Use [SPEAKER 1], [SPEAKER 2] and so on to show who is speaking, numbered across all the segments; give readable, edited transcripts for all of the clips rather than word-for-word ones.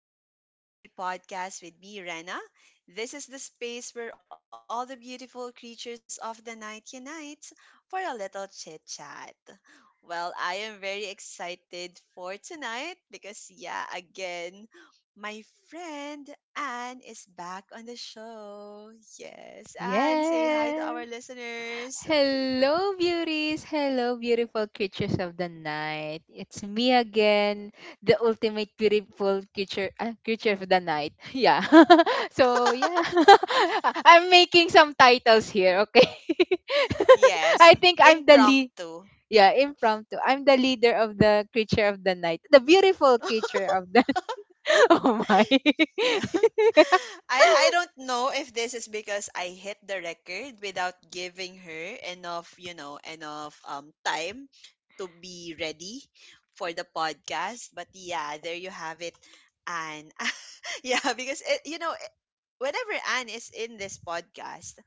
[SPEAKER 1] Welcome to the Sleepless Beauty Podcast with me, Rena. This is the space where all the beautiful creatures of the night unite for a little chit chat. Well, I am very excited for tonight because, yeah, again, my friend Anne is back on the show. Yes, Anne, say hi to
[SPEAKER 2] Yes.
[SPEAKER 1] our listeners.
[SPEAKER 2] Hello, beauties. Hello, beautiful creatures of the night. It's me again, the ultimate beautiful creature, creature of the night. Yeah. so yeah, I'm making some titles here. Okay. I
[SPEAKER 1] Yes,
[SPEAKER 2] think I'm the lead.
[SPEAKER 1] impromptu.
[SPEAKER 2] Yeah, impromptu. I'm the leader of the creature of the night, the beautiful creature of the. Oh my.
[SPEAKER 1] Yeah. I don't know if this is because I hit the record without giving her enough, you know, enough time to be ready for the podcast. But yeah, there you have it, Anne. Yeah, because it, you know, eh, whenever Anne is in this podcast,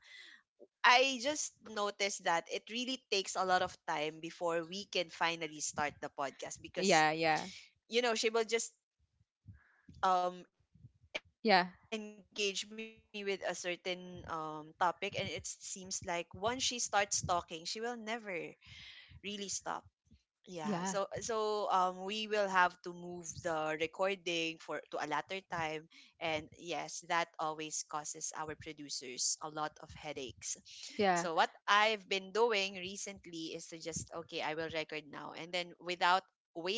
[SPEAKER 1] I just noticed that it really takes a lot of time before we can finally start the podcast because,
[SPEAKER 2] yeah, yeah,
[SPEAKER 1] you know, she will just engage me with a
[SPEAKER 2] yeah,
[SPEAKER 1] certain topic, and it seems like once she starts talking, she will never really stop. Yeah, so we will
[SPEAKER 2] yeah,
[SPEAKER 1] have to move the recording for to a later time, and yes, that always causes our producers a lot of headaches. So what
[SPEAKER 2] yeah,
[SPEAKER 1] I've been doing recently is to just, okay, I will record now, and then without waiting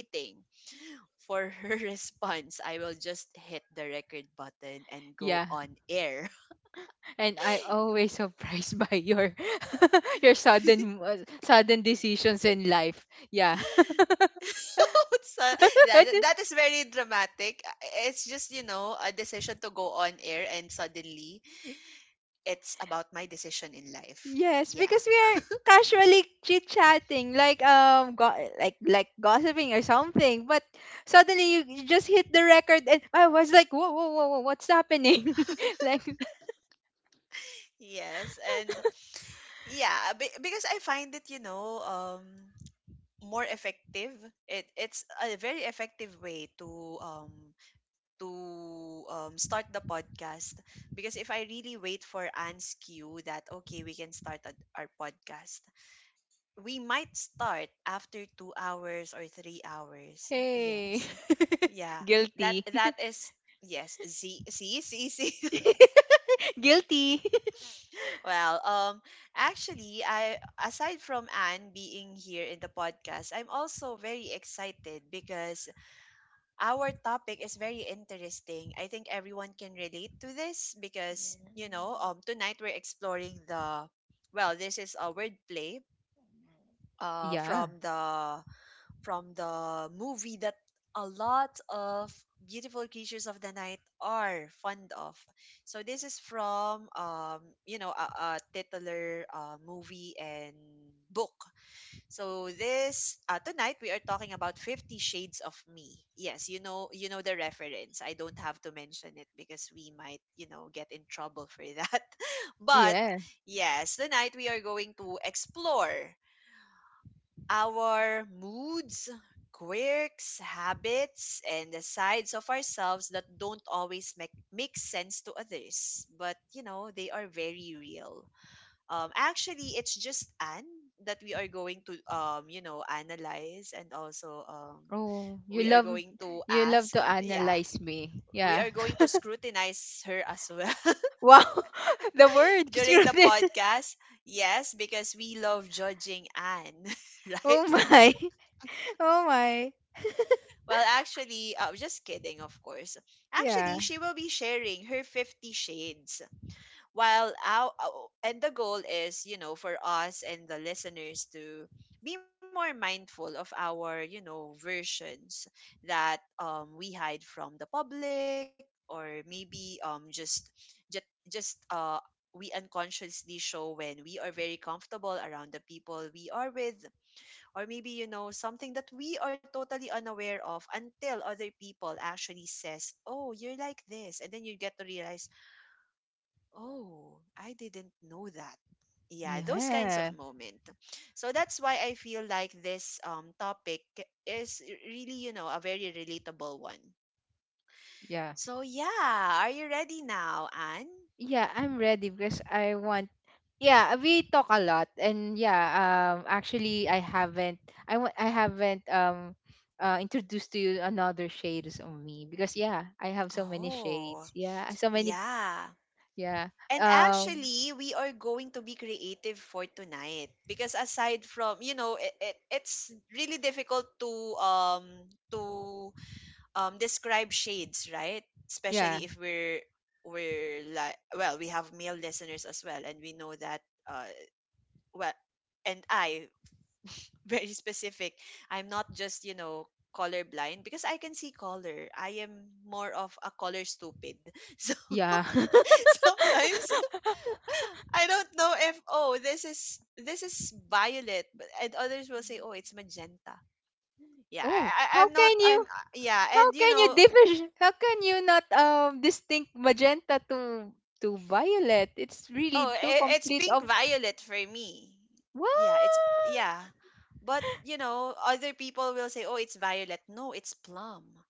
[SPEAKER 1] for her response, I will just hit the record button and go
[SPEAKER 2] yeah.
[SPEAKER 1] on air.
[SPEAKER 2] And I'm always surprised by your your sudden sudden decisions in life. Yeah.
[SPEAKER 1] So that,
[SPEAKER 2] I just-
[SPEAKER 1] that is very dramatic. It's just, you know, a decision to go on air, and suddenly it's about my decision in life.
[SPEAKER 2] Yes,
[SPEAKER 1] Yeah.
[SPEAKER 2] because we are casually chit chatting, like like gossiping or something. But suddenly you just hit the record, and I was like, whoa, whoa, whoa, whoa, what's happening? like,
[SPEAKER 1] Yes. And yeah, because I find it, you know, more effective. It's a very effective way to start the podcast because if I really wait for Anne's cue that okay we can our podcast, we might start after 2 hours or 3 hours.
[SPEAKER 2] hey.
[SPEAKER 1] Yes, yeah, that
[SPEAKER 2] Guilty.
[SPEAKER 1] that is yes. See, see, see, see.
[SPEAKER 2] Guilty.
[SPEAKER 1] Well, actually, I, aside from Anne being here in the podcast, I'm also very excited because our topic is very interesting. I think everyone can relate to this because, you know, tonight we're exploring the, well, this is a wordplay uh, from the from the movie that a lot of beautiful creatures of the night are fond of. So this is from you know, a titular movie and book. So this tonight we are talking about 50 Shades of Me. Yes, you know, you know the reference. I don't have to mention it because we might, you know, get in trouble for that. But
[SPEAKER 2] Yeah.
[SPEAKER 1] yes, tonight we are going to explore our moods, quirks, habits, and the sides of ourselves that don't always make sense to others, but you know they are very real. Actually, it's just Anne that we are going to you know, analyze, and also
[SPEAKER 2] Oh,
[SPEAKER 1] we are going to
[SPEAKER 2] you love
[SPEAKER 1] ask.
[SPEAKER 2] to
[SPEAKER 1] Yeah,
[SPEAKER 2] analyze me.
[SPEAKER 1] we
[SPEAKER 2] Yeah.
[SPEAKER 1] are going to scrutinize her as well
[SPEAKER 2] Wow. The word.
[SPEAKER 1] during the podcast. Yes, because we love judging Anne,
[SPEAKER 2] Oh
[SPEAKER 1] right?
[SPEAKER 2] my. Oh my.
[SPEAKER 1] Well, actually, just kidding, of course.
[SPEAKER 2] Yeah.
[SPEAKER 1] Actually, she will be sharing her 50 shades while our, and the goal is, you know, for us and the listeners to be more mindful of our, you know, versions that we hide from the public, or maybe just just just we unconsciously show when we are very comfortable around the people we are with, or maybe, you know, something that we are totally unaware of until other people actually says, oh, you're like this, and then you get to realize, oh, I didn't know that. Yeah, those kinds
[SPEAKER 2] Yeah.
[SPEAKER 1] of moment. So that's why I feel like this topic is really, you know, a very relatable one.
[SPEAKER 2] Yeah.
[SPEAKER 1] So yeah, are you ready now, Anne?
[SPEAKER 2] Yeah, I'm ready because I want. Yeah, we talk a lot and yeah, actually I haven't introduced to you another shades of me because yeah, I have so many shades.
[SPEAKER 1] Oh,
[SPEAKER 2] Yeah, so many
[SPEAKER 1] yeah.
[SPEAKER 2] yeah.
[SPEAKER 1] And
[SPEAKER 2] Um
[SPEAKER 1] actually, we are going to be creative for tonight because aside from, you know, it's really difficult um to describe shades, right?
[SPEAKER 2] yeah.
[SPEAKER 1] Especially if we're like, well, we have male listeners as well, and we know that uh well, and I very specific. I'm not just, you know, colorblind because I can see color. I am more of a color stupid. So
[SPEAKER 2] Yeah.
[SPEAKER 1] sometimes I don't know if, oh, this is violet, but and others will say, oh, it's magenta. Yeah,
[SPEAKER 2] Oh,
[SPEAKER 1] I
[SPEAKER 2] how
[SPEAKER 1] I'm not
[SPEAKER 2] can
[SPEAKER 1] I'm
[SPEAKER 2] you.
[SPEAKER 1] yeah,
[SPEAKER 2] How
[SPEAKER 1] and you
[SPEAKER 2] can you
[SPEAKER 1] know.
[SPEAKER 2] differ? How can you not distinct magenta to violet? It's
[SPEAKER 1] Oh,
[SPEAKER 2] really two
[SPEAKER 1] it's
[SPEAKER 2] complete
[SPEAKER 1] pink
[SPEAKER 2] of
[SPEAKER 1] violet for me.
[SPEAKER 2] what?
[SPEAKER 1] Yeah, it's yeah. But you know, other people will say, "Oh, it's violet." No, it's plum.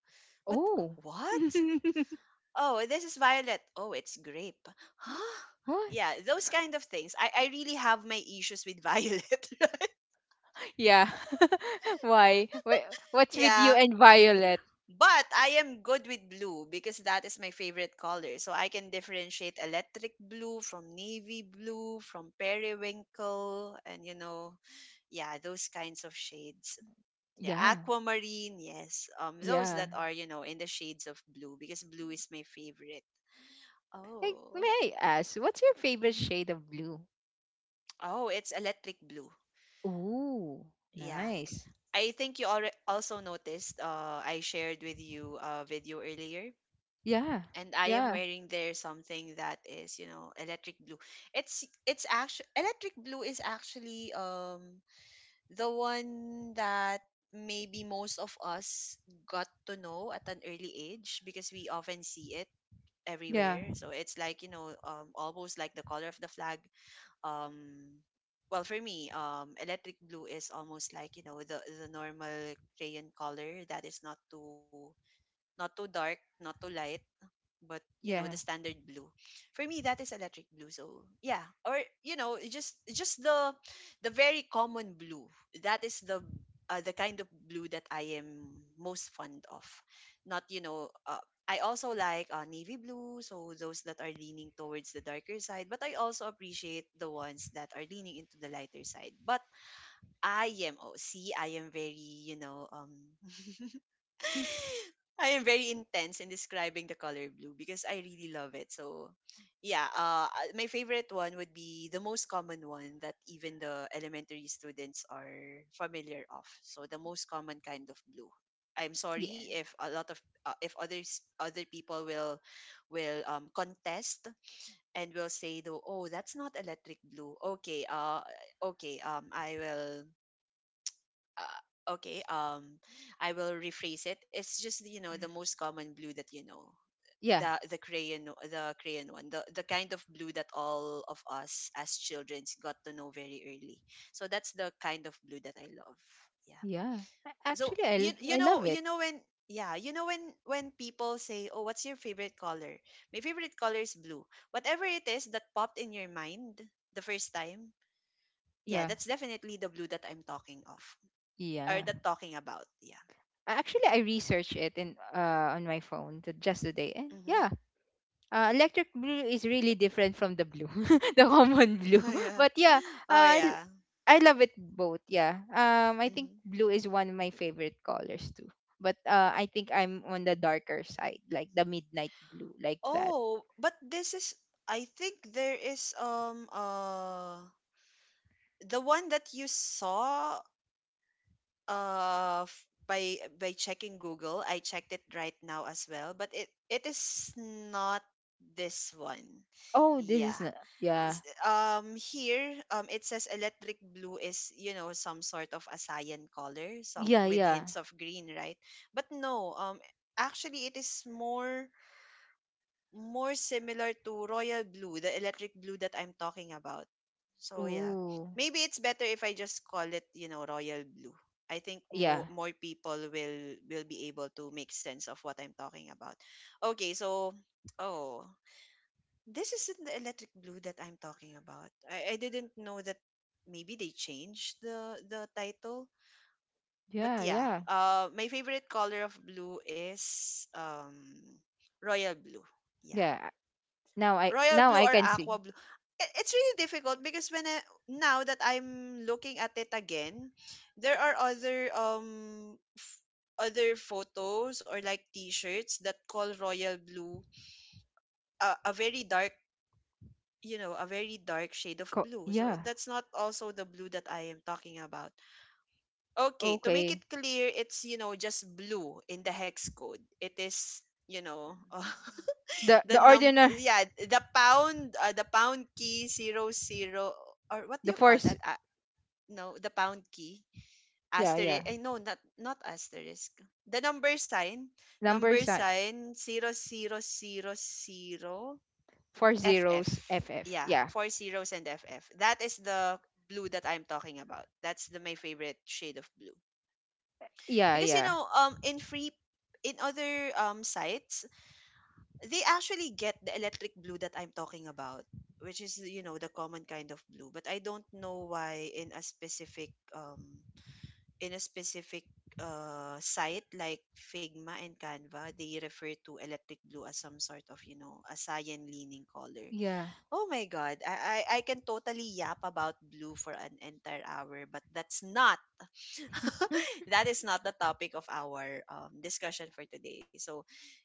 [SPEAKER 1] But
[SPEAKER 2] Oh.
[SPEAKER 1] what? Oh, this is violet. Oh, it's grape. Huh?
[SPEAKER 2] What?
[SPEAKER 1] Yeah, those kind of things. I really have my issues with violet.
[SPEAKER 2] Yeah. Why? Why? What's with you
[SPEAKER 1] Yeah.
[SPEAKER 2] and violet?
[SPEAKER 1] But I am good with blue because that is my favorite color. So I can differentiate electric blue from navy blue, from periwinkle, and you know, yeah, those kinds of shades, yeah,
[SPEAKER 2] Yeah.
[SPEAKER 1] aquamarine, yes, those
[SPEAKER 2] Yeah.
[SPEAKER 1] that are, you know, in the shades of blue because blue is my favorite.
[SPEAKER 2] Like, may
[SPEAKER 1] Oh.
[SPEAKER 2] I ask, what's your favorite
[SPEAKER 1] Hmm.
[SPEAKER 2] shade of blue?
[SPEAKER 1] Oh, it's electric blue.
[SPEAKER 2] Ooh,
[SPEAKER 1] Yeah,
[SPEAKER 2] nice.
[SPEAKER 1] I think you already also noticed, I shared with you a video earlier,
[SPEAKER 2] Yeah.
[SPEAKER 1] and I am
[SPEAKER 2] Yeah.
[SPEAKER 1] wearing there something that is, you know, electric blue. It's actually electric blue is actually the one that maybe most of us got to know at an early age because we often see it
[SPEAKER 2] Yeah.
[SPEAKER 1] everywhere. So it's like, you know, almost like the color of the flag. Um, well, for me, electric blue is almost like, you know, the normal crayon color that is not too, not too dark, not too light, but you know, the
[SPEAKER 2] Yeah.
[SPEAKER 1] standard blue. For me, that is electric blue. So yeah, or you know, just the very common blue, that is the kind of blue that I am most fond of. Not, you know, I also like navy blue, so those that are leaning towards the darker side, but I also appreciate the ones that are leaning into the lighter side. But I am, oh see, I am very, you know,
[SPEAKER 2] Hmm.
[SPEAKER 1] I am very intense in describing the color blue because I really love it. So, yeah, my favorite one would be the most common one that even the elementary students are familiar of. So, the most common kind of blue. I'm
[SPEAKER 2] Yeah.
[SPEAKER 1] sorry if a lot of if other people will contest and will say though, oh, that's not electric blue. Okay, okay, I will okay, I will rephrase it. It's just, you know, the most common blue that, you know,
[SPEAKER 2] Yeah.
[SPEAKER 1] the the crayon one, the kind of blue that all of us as children got to know very early. So that's the kind of blue that I love. Yeah.
[SPEAKER 2] Yeah. A-
[SPEAKER 1] So
[SPEAKER 2] Actually,
[SPEAKER 1] you you
[SPEAKER 2] I
[SPEAKER 1] know,
[SPEAKER 2] love
[SPEAKER 1] you
[SPEAKER 2] it.
[SPEAKER 1] know when, yeah, you know, when people say, oh, what's your favorite color, my favorite color is blue, whatever it is that popped in your mind the first time, yeah,
[SPEAKER 2] Yeah.
[SPEAKER 1] that's definitely the blue that I'm talking of, or
[SPEAKER 2] Yeah.
[SPEAKER 1] that talking about. Yeah.
[SPEAKER 2] Actually, I researched it in on my phone to, just today, and
[SPEAKER 1] Mhm.
[SPEAKER 2] yeah, electric blue is really different from the blue, the common blue.
[SPEAKER 1] Oh yeah.
[SPEAKER 2] But yeah,
[SPEAKER 1] Oh
[SPEAKER 2] uh, I l-
[SPEAKER 1] yeah.
[SPEAKER 2] I love it both. Yeah, I think
[SPEAKER 1] Hmm.
[SPEAKER 2] blue is one of my favorite colors too. But I think I'm on the darker side, like the midnight blue, like that.
[SPEAKER 1] Oh, but this is, I think there is the one that you saw, by checking Google. I checked it right now as well, but it is not this one.
[SPEAKER 2] Oh, this
[SPEAKER 1] Yeah.
[SPEAKER 2] is not. Yeah,
[SPEAKER 1] Here it says electric blue is, you know, some sort of a cyan color, some
[SPEAKER 2] yeah,
[SPEAKER 1] with
[SPEAKER 2] yeah.
[SPEAKER 1] hints of green, right? But no, actually it is more, more similar to royal blue, the electric blue that I'm talking about. So yeah,
[SPEAKER 2] Ooh,
[SPEAKER 1] maybe it's better if I just call it, you know, royal blue. I think
[SPEAKER 2] yeah,
[SPEAKER 1] more, more people will be able to make sense of what I'm talking about. Okay, so oh, this isn't the electric blue that I'm talking about. I didn't know that maybe they changed the title. But
[SPEAKER 2] yeah,
[SPEAKER 1] yeah,
[SPEAKER 2] yeah,
[SPEAKER 1] my favorite color of blue is royal blue. Yeah,
[SPEAKER 2] yeah.
[SPEAKER 1] royal
[SPEAKER 2] Now
[SPEAKER 1] blue
[SPEAKER 2] I
[SPEAKER 1] or
[SPEAKER 2] can see.
[SPEAKER 1] aqua blue. I- It's really difficult because when I, now that I'm looking at it again, there are other f- other photos or like t-shirts that call royal blue a very dark, you know, a very dark shade of blue. So
[SPEAKER 2] Yeah.
[SPEAKER 1] that's not also the blue that I am talking about. Okay, to make
[SPEAKER 2] Okay,
[SPEAKER 1] it clear, it's, you know, just blue in the hex code. It is, you know,
[SPEAKER 2] the
[SPEAKER 1] The num
[SPEAKER 2] ordinary.
[SPEAKER 1] yeah, the pound, the pound key zero zero, or what do
[SPEAKER 2] The
[SPEAKER 1] you call
[SPEAKER 2] four, z-
[SPEAKER 1] that? No, the pound key
[SPEAKER 2] yeah,
[SPEAKER 1] asterisk.
[SPEAKER 2] yeah.
[SPEAKER 1] Eh, no, not, not asterisk. The
[SPEAKER 2] Number
[SPEAKER 1] number
[SPEAKER 2] sign,
[SPEAKER 1] sign zero zero zero zero
[SPEAKER 2] four
[SPEAKER 1] FF.
[SPEAKER 2] zeros, FF.
[SPEAKER 1] Yeah,
[SPEAKER 2] Yeah,
[SPEAKER 1] four zeros and FF. That is the blue that I'm talking about. That's the my favorite shade of blue
[SPEAKER 2] yeah,
[SPEAKER 1] because you
[SPEAKER 2] yeah,
[SPEAKER 1] know, in free, in other sites, they actually get the electric blue that I'm talking about, which is, you know, the common kind of blue. But I don't know why in a specific site like Figma and Canva they refer to electric blue as some sort of a cyan leaning color.
[SPEAKER 2] yeah.
[SPEAKER 1] Oh my god, I can totally yap about blue for an entire hour, but that's not
[SPEAKER 2] Hmm.
[SPEAKER 1] that is not the topic of our discussion for today. So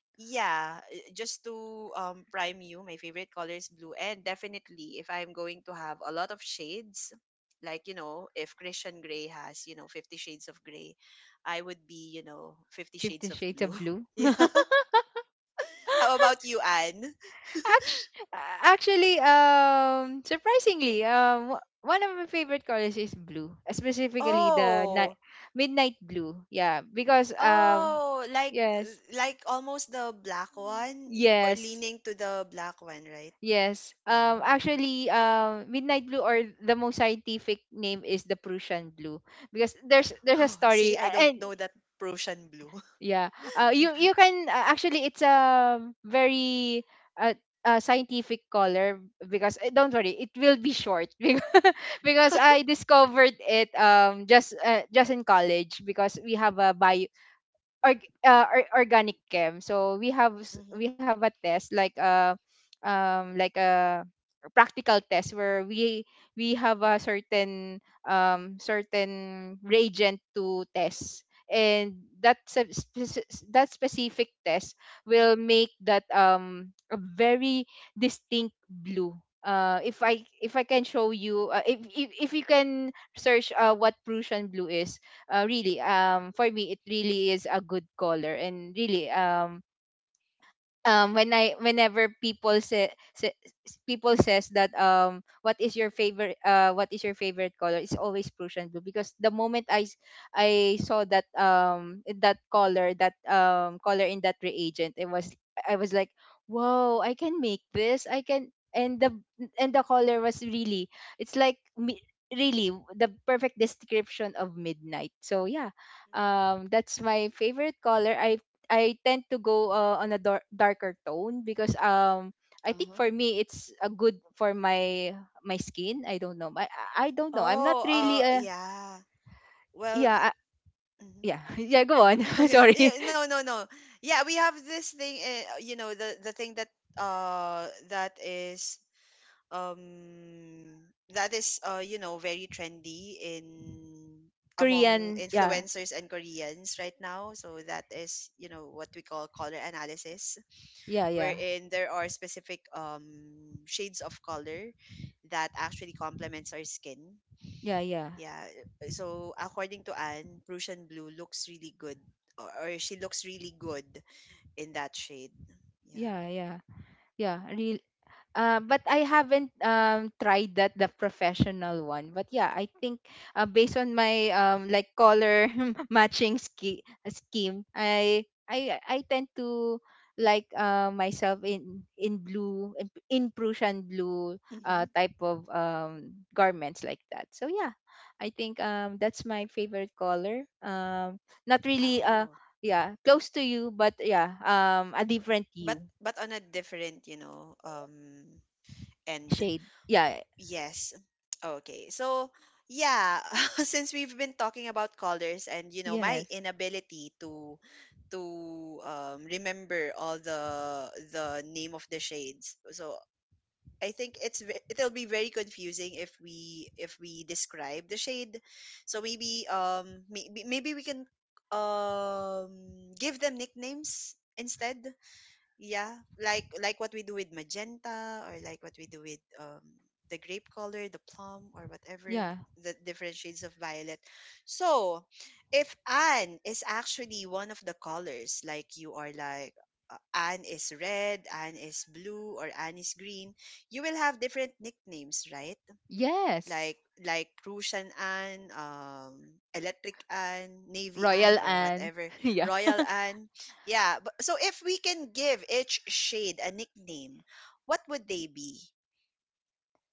[SPEAKER 1] yeah, just to prime you, my favorite color is blue. And definitely, if I'm going to have a lot of shades, like, you know, if Christian Grey has, you know, 50 shades of gray, I would be, you know, 50
[SPEAKER 2] Fifty
[SPEAKER 1] shades of
[SPEAKER 2] Shades of
[SPEAKER 1] blue.
[SPEAKER 2] Blue.
[SPEAKER 1] Yeah. How about you, Anne?
[SPEAKER 2] Act- Actually, surprisingly, one of my favorite colors is blue, specifically the night
[SPEAKER 1] Oh,
[SPEAKER 2] midnight blue. Yeah, because
[SPEAKER 1] oh,
[SPEAKER 2] yes,
[SPEAKER 1] like almost the black one or
[SPEAKER 2] yes,
[SPEAKER 1] leaning to the black one, right?
[SPEAKER 2] yes.
[SPEAKER 1] Oh.
[SPEAKER 2] Actually, midnight blue or the most scientific name is the Prussian blue because there's a
[SPEAKER 1] Oh,
[SPEAKER 2] story
[SPEAKER 1] see, I don't
[SPEAKER 2] and
[SPEAKER 1] know that Prussian blue.
[SPEAKER 2] yeah. You you can actually it's a very uh, scientific color because don't worry, it will be short because I discovered it just in college because we have a bio org, organic chem. So
[SPEAKER 1] Mm-hmm.
[SPEAKER 2] we have a test like a practical test where we have a certain certain reagent to test and that that specific test will make that a very distinct blue. If I can show you, if you can search what Prussian blue is, really, for me it really is a good color and really when I, whenever people say, people says that what is your favorite, color, it's always Prussian blue because the moment I saw that color, that color in that reagent, it was, I was like, whoa, I can make this. I can. And the color was really, it's like really the perfect description of midnight. So yeah, that's my favorite color. I tend to go darker tone because I think
[SPEAKER 1] Mm-hmm.
[SPEAKER 2] for me it's a good for my skin. I don't know. I I don't know. I'm not
[SPEAKER 1] Oh,
[SPEAKER 2] really a
[SPEAKER 1] yeah. Well,
[SPEAKER 2] yeah
[SPEAKER 1] y- mhm.
[SPEAKER 2] yeah yeah. Go on.
[SPEAKER 1] Oh yeah,
[SPEAKER 2] Sorry.
[SPEAKER 1] yeah. No, no, no. Yeah, we have this thing. You know, the thing that uh that is that is you know very trendy in among
[SPEAKER 2] Korean. Yeah
[SPEAKER 1] influencers and Koreans right now. So that is you know what we call color analysis,
[SPEAKER 2] yeah yeah
[SPEAKER 1] wherein there are specific shades of color that actually complements our skin.
[SPEAKER 2] yeah yeah
[SPEAKER 1] Yeah. So according to Anne, Prussian blue looks really good, or she looks really good in that shade. Yeah.
[SPEAKER 2] yeah yeah yeah. Real. But I haven't tried that the professional one. But yeah, I think based on my like color scheme, I I tend to like myself in in Prussian blue
[SPEAKER 1] Mm-hmm.
[SPEAKER 2] type of garments like that. So yeah, I think that's my favorite color. Not really
[SPEAKER 1] Oh.
[SPEAKER 2] yeah close to you, but yeah a different
[SPEAKER 1] But
[SPEAKER 2] you
[SPEAKER 1] on a different, you know, end.
[SPEAKER 2] shade. Yeah.
[SPEAKER 1] Yes. Okay. So yeah, since we've been talking about colors and you know my
[SPEAKER 2] Yes.
[SPEAKER 1] inability to remember all the name of the shades. So I think it's it'll be very confusing if we describe the shade. So maybe maybe we can give them nicknames instead. Yeah, like what we do with magenta or like what we do with the grape color, the plum or whatever
[SPEAKER 2] Yeah.
[SPEAKER 1] the different shades of violet. So, if Anne is actually one of the colors, like you are like Anne is red, Anne is blue, or Anne is green, you will have different nicknames, right?
[SPEAKER 2] Yes.
[SPEAKER 1] like like Prussian Anne, Electric Anne, Navy
[SPEAKER 2] Royal
[SPEAKER 1] Anne, or
[SPEAKER 2] Anne.
[SPEAKER 1] whatever,
[SPEAKER 2] yeah.
[SPEAKER 1] Royal Anne. Yeah. But, so if we can give each shade a nickname, what would they be?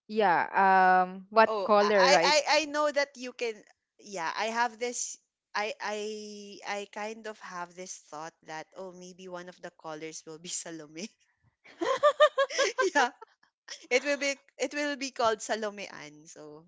[SPEAKER 2] Yeah, what
[SPEAKER 1] Oh, I
[SPEAKER 2] color,
[SPEAKER 1] I
[SPEAKER 2] right?
[SPEAKER 1] I I know that you can. Yeah, I have this. I I I kind of have this thought that oh maybe one of the colors will be Salome. yeah, it will be called Salome Anne. So.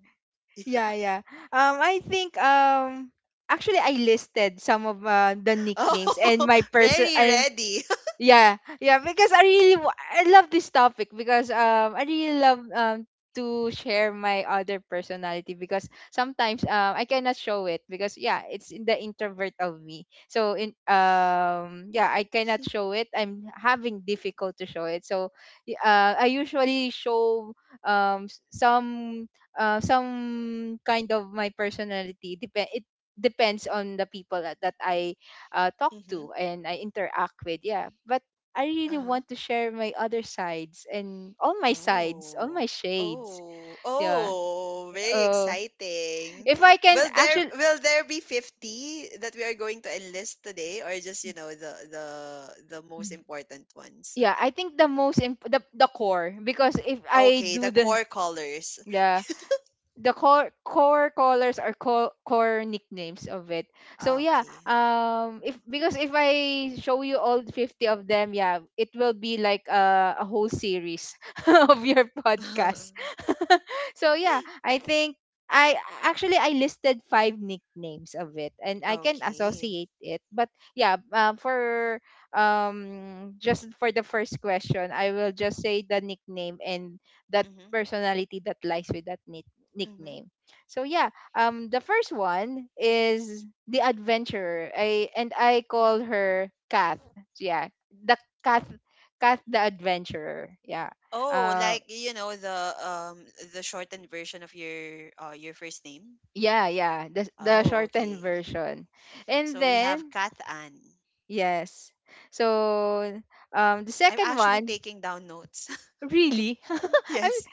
[SPEAKER 2] Yeah, yeah. I think actually I listed some of the nicknames and
[SPEAKER 1] Oh,
[SPEAKER 2] my person
[SPEAKER 1] very
[SPEAKER 2] and
[SPEAKER 1] ready.
[SPEAKER 2] yeah, yeah, because I love this topic because I really love to share my other personality because sometimes I cannot show it because yeah, it's in the introvert of me. So in yeah, I cannot show it. I'm having difficult to show it. So I usually show um s- some some kind of my personality. Depend. It depends on the people that I talk
[SPEAKER 1] Mm-hmm.
[SPEAKER 2] to and I interact with. Yeah, but I really
[SPEAKER 1] Uh-huh.
[SPEAKER 2] want to share my other sides and all my sides, all
[SPEAKER 1] Oh.
[SPEAKER 2] my shades.
[SPEAKER 1] Oh.
[SPEAKER 2] Yeah.
[SPEAKER 1] Oh, very
[SPEAKER 2] Oh,
[SPEAKER 1] exciting.
[SPEAKER 2] if I can
[SPEAKER 1] Will there
[SPEAKER 2] actually,
[SPEAKER 1] will there be 50 that we are going to enlist today or just, you know, the most important ones?
[SPEAKER 2] yeah, I think the core because if I
[SPEAKER 1] Okay, the
[SPEAKER 2] do the
[SPEAKER 1] core colors.
[SPEAKER 2] yeah the core core colors are core core nicknames of it. So yeah,
[SPEAKER 1] Okay.
[SPEAKER 2] if because if I show you all 50 of them, yeah, it will be like a whole series of your podcast. so yeah, I think I actually I listed five nicknames of it, and I can
[SPEAKER 1] Okay.
[SPEAKER 2] associate it. But yeah, for just for the first question, I will just say the nickname and that
[SPEAKER 1] Mm-hmm.
[SPEAKER 2] personality that lies with that
[SPEAKER 1] Mm-hmm.
[SPEAKER 2] nickname. So yeah, the first one is the adventurer. I call her Kath. Yeah, the Kath, Kath the adventurer. Yeah.
[SPEAKER 1] Oh,
[SPEAKER 2] Uh,
[SPEAKER 1] like you know the shortened version of your first name.
[SPEAKER 2] yeah, yeah. The
[SPEAKER 1] Oh,
[SPEAKER 2] shortened
[SPEAKER 1] okay.
[SPEAKER 2] version. And
[SPEAKER 1] So we have
[SPEAKER 2] then
[SPEAKER 1] Kat Ann.
[SPEAKER 2] yes. So the
[SPEAKER 1] I'm
[SPEAKER 2] second
[SPEAKER 1] actually
[SPEAKER 2] one
[SPEAKER 1] taking down notes.
[SPEAKER 2] really. I'm
[SPEAKER 1] yes.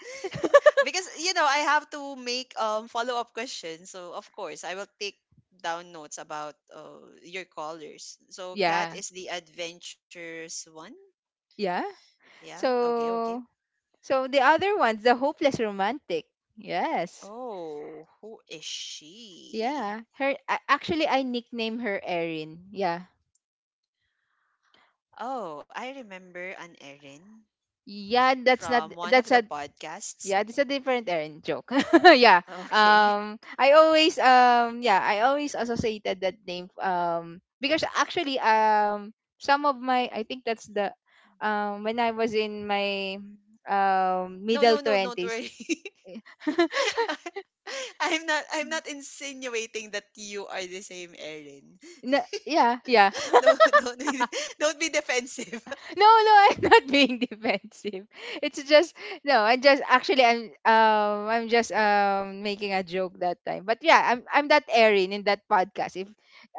[SPEAKER 1] Because you know, I have to make follow-up questions. So of course, I will take down notes about your callers. So Kat
[SPEAKER 2] yeah,
[SPEAKER 1] is the adventurous one.
[SPEAKER 2] yeah.
[SPEAKER 1] Yeah. Okay, okay.
[SPEAKER 2] So so the other one's the hopeless romantic. Yes.
[SPEAKER 1] Oh, who is she?
[SPEAKER 2] Yeah, actually I nickname her Erin. Yeah.
[SPEAKER 1] Oh, I remember an Erin
[SPEAKER 2] Yeah, that's not
[SPEAKER 1] from one of
[SPEAKER 2] that's
[SPEAKER 1] the
[SPEAKER 2] a
[SPEAKER 1] podcasts.
[SPEAKER 2] yeah, that's a different Erin joke. yeah.
[SPEAKER 1] Okay.
[SPEAKER 2] I always yeah, I always associated that name because actually some of my I think that's the when I was in my
[SPEAKER 1] No,
[SPEAKER 2] middle
[SPEAKER 1] no, no, don't
[SPEAKER 2] 20s.
[SPEAKER 1] worry. I'm not insinuating that you are the same Erin.
[SPEAKER 2] Yeah, yeah.
[SPEAKER 1] Don't don't be don't be defensive. I
[SPEAKER 2] No, I'm not being defensive. It's just no, I'm just actually I'm just making a joke that time. But yeah, I'm that Erin in that podcast. If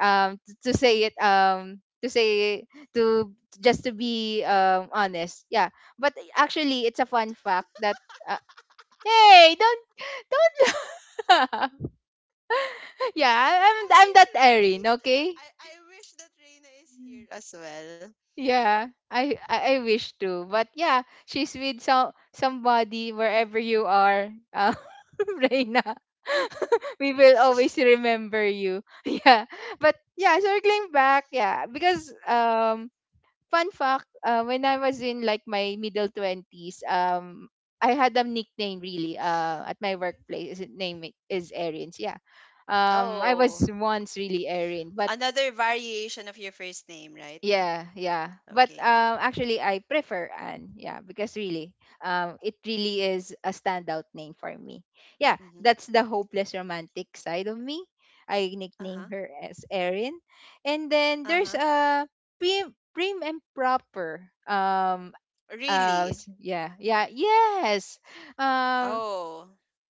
[SPEAKER 2] to say to just to be honest. Yeah. But actually it's a fun fact that uh, hey, don't yeah, I'm
[SPEAKER 1] wish
[SPEAKER 2] that
[SPEAKER 1] Rena
[SPEAKER 2] Erin,
[SPEAKER 1] is
[SPEAKER 2] okay?
[SPEAKER 1] I wish that Rena is here as well.
[SPEAKER 2] Yeah, I wish to, but yeah, she's with some somebody wherever you are, Reina. we will always remember you. Yeah, but yeah, circling back, yeah, because fun fact, when I was in like my middle twenties, I had a nickname really, at my
[SPEAKER 1] Mhm.
[SPEAKER 2] workplace. His name is Erins. Yeah, I was
[SPEAKER 1] Oh,
[SPEAKER 2] once really Erin, but
[SPEAKER 1] another variation of your first name, right?
[SPEAKER 2] yeah, yeah. But
[SPEAKER 1] Okay.
[SPEAKER 2] actually I prefer Anne. Yeah, because really it really is a standout name for me. Yeah,
[SPEAKER 1] Mhm.
[SPEAKER 2] that's the hopeless romantic side of me. I nickname
[SPEAKER 1] Uh-huh.
[SPEAKER 2] her as Erin. And then there's a prim and proper
[SPEAKER 1] Really?
[SPEAKER 2] yeah, yeah, yes. Um
[SPEAKER 1] Oh,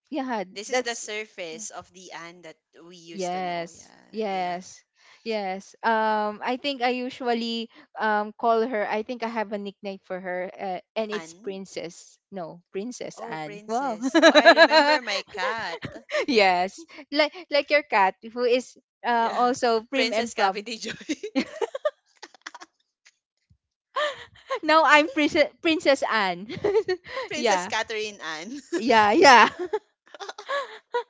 [SPEAKER 2] yeah,
[SPEAKER 1] this is the
[SPEAKER 2] that's
[SPEAKER 1] surface of the Anne that we used to know.
[SPEAKER 2] yes,
[SPEAKER 1] Yeah, yeah.
[SPEAKER 2] yes, yes. I think I usually call her. I think I have a nickname for her, and it's
[SPEAKER 1] Anne?
[SPEAKER 2] Princess. No, Princess
[SPEAKER 1] Oh,
[SPEAKER 2] Anne. Wow.
[SPEAKER 1] princess. Oh, I remember my cat.
[SPEAKER 2] yes, like your cat, who is
[SPEAKER 1] Yeah.
[SPEAKER 2] also prim
[SPEAKER 1] Princess
[SPEAKER 2] and prom.
[SPEAKER 1] Cavity Joy.
[SPEAKER 2] now I'm Princess Anne.
[SPEAKER 1] princess
[SPEAKER 2] yeah,
[SPEAKER 1] Catherine Anne.
[SPEAKER 2] yeah, yeah.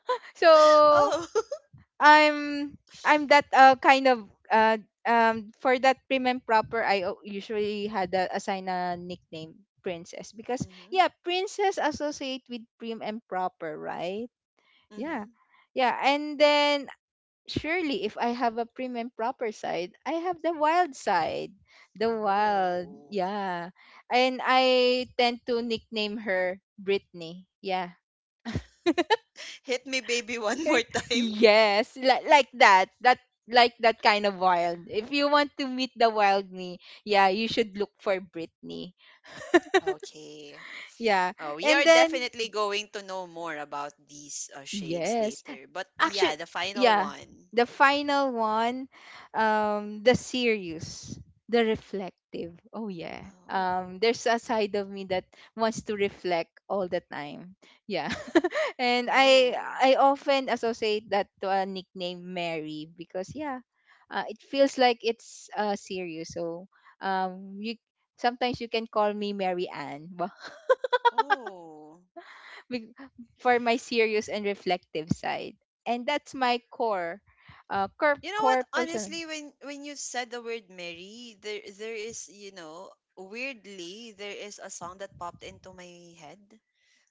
[SPEAKER 2] so
[SPEAKER 1] oh.
[SPEAKER 2] I'm that kind of for that prim and proper usually had a assign a nickname princess because
[SPEAKER 1] Mm-hmm.
[SPEAKER 2] yeah princess associate with prim and proper right yeah
[SPEAKER 1] Mm-hmm.
[SPEAKER 2] yeah and then surely if I have a prim and proper side I have the wild side, the wild
[SPEAKER 1] Oh.
[SPEAKER 2] yeah. And I tend to nickname her Brittany yeah.
[SPEAKER 1] Hit me, baby, one
[SPEAKER 2] Okay?
[SPEAKER 1] more time.
[SPEAKER 2] Yes, like that. Like that kind of wild. If you want to meet the wild me, yeah, you should look for Britney.
[SPEAKER 1] Okay.
[SPEAKER 2] Yeah.
[SPEAKER 1] Oh, we are
[SPEAKER 2] And then
[SPEAKER 1] definitely going to know more about these shades
[SPEAKER 2] yes.
[SPEAKER 1] later. But yeah,
[SPEAKER 2] Actually,
[SPEAKER 1] the final
[SPEAKER 2] yeah.
[SPEAKER 1] one.
[SPEAKER 2] The final one, the serious, the reflective. Oh yeah.
[SPEAKER 1] Oh.
[SPEAKER 2] There's a side of me that wants to reflect all the time. Yeah. and
[SPEAKER 1] Oh.
[SPEAKER 2] I often associate that to a nickname Mary because yeah, it feels like it's serious. So you sometimes you can call me Mary Ann.
[SPEAKER 1] Oh.
[SPEAKER 2] be- for my serious and reflective side. And that's my core,
[SPEAKER 1] You know what?
[SPEAKER 2] core person.
[SPEAKER 1] Honestly, when you said the word Mary, there is, you know, weirdly there is a song that popped into my head.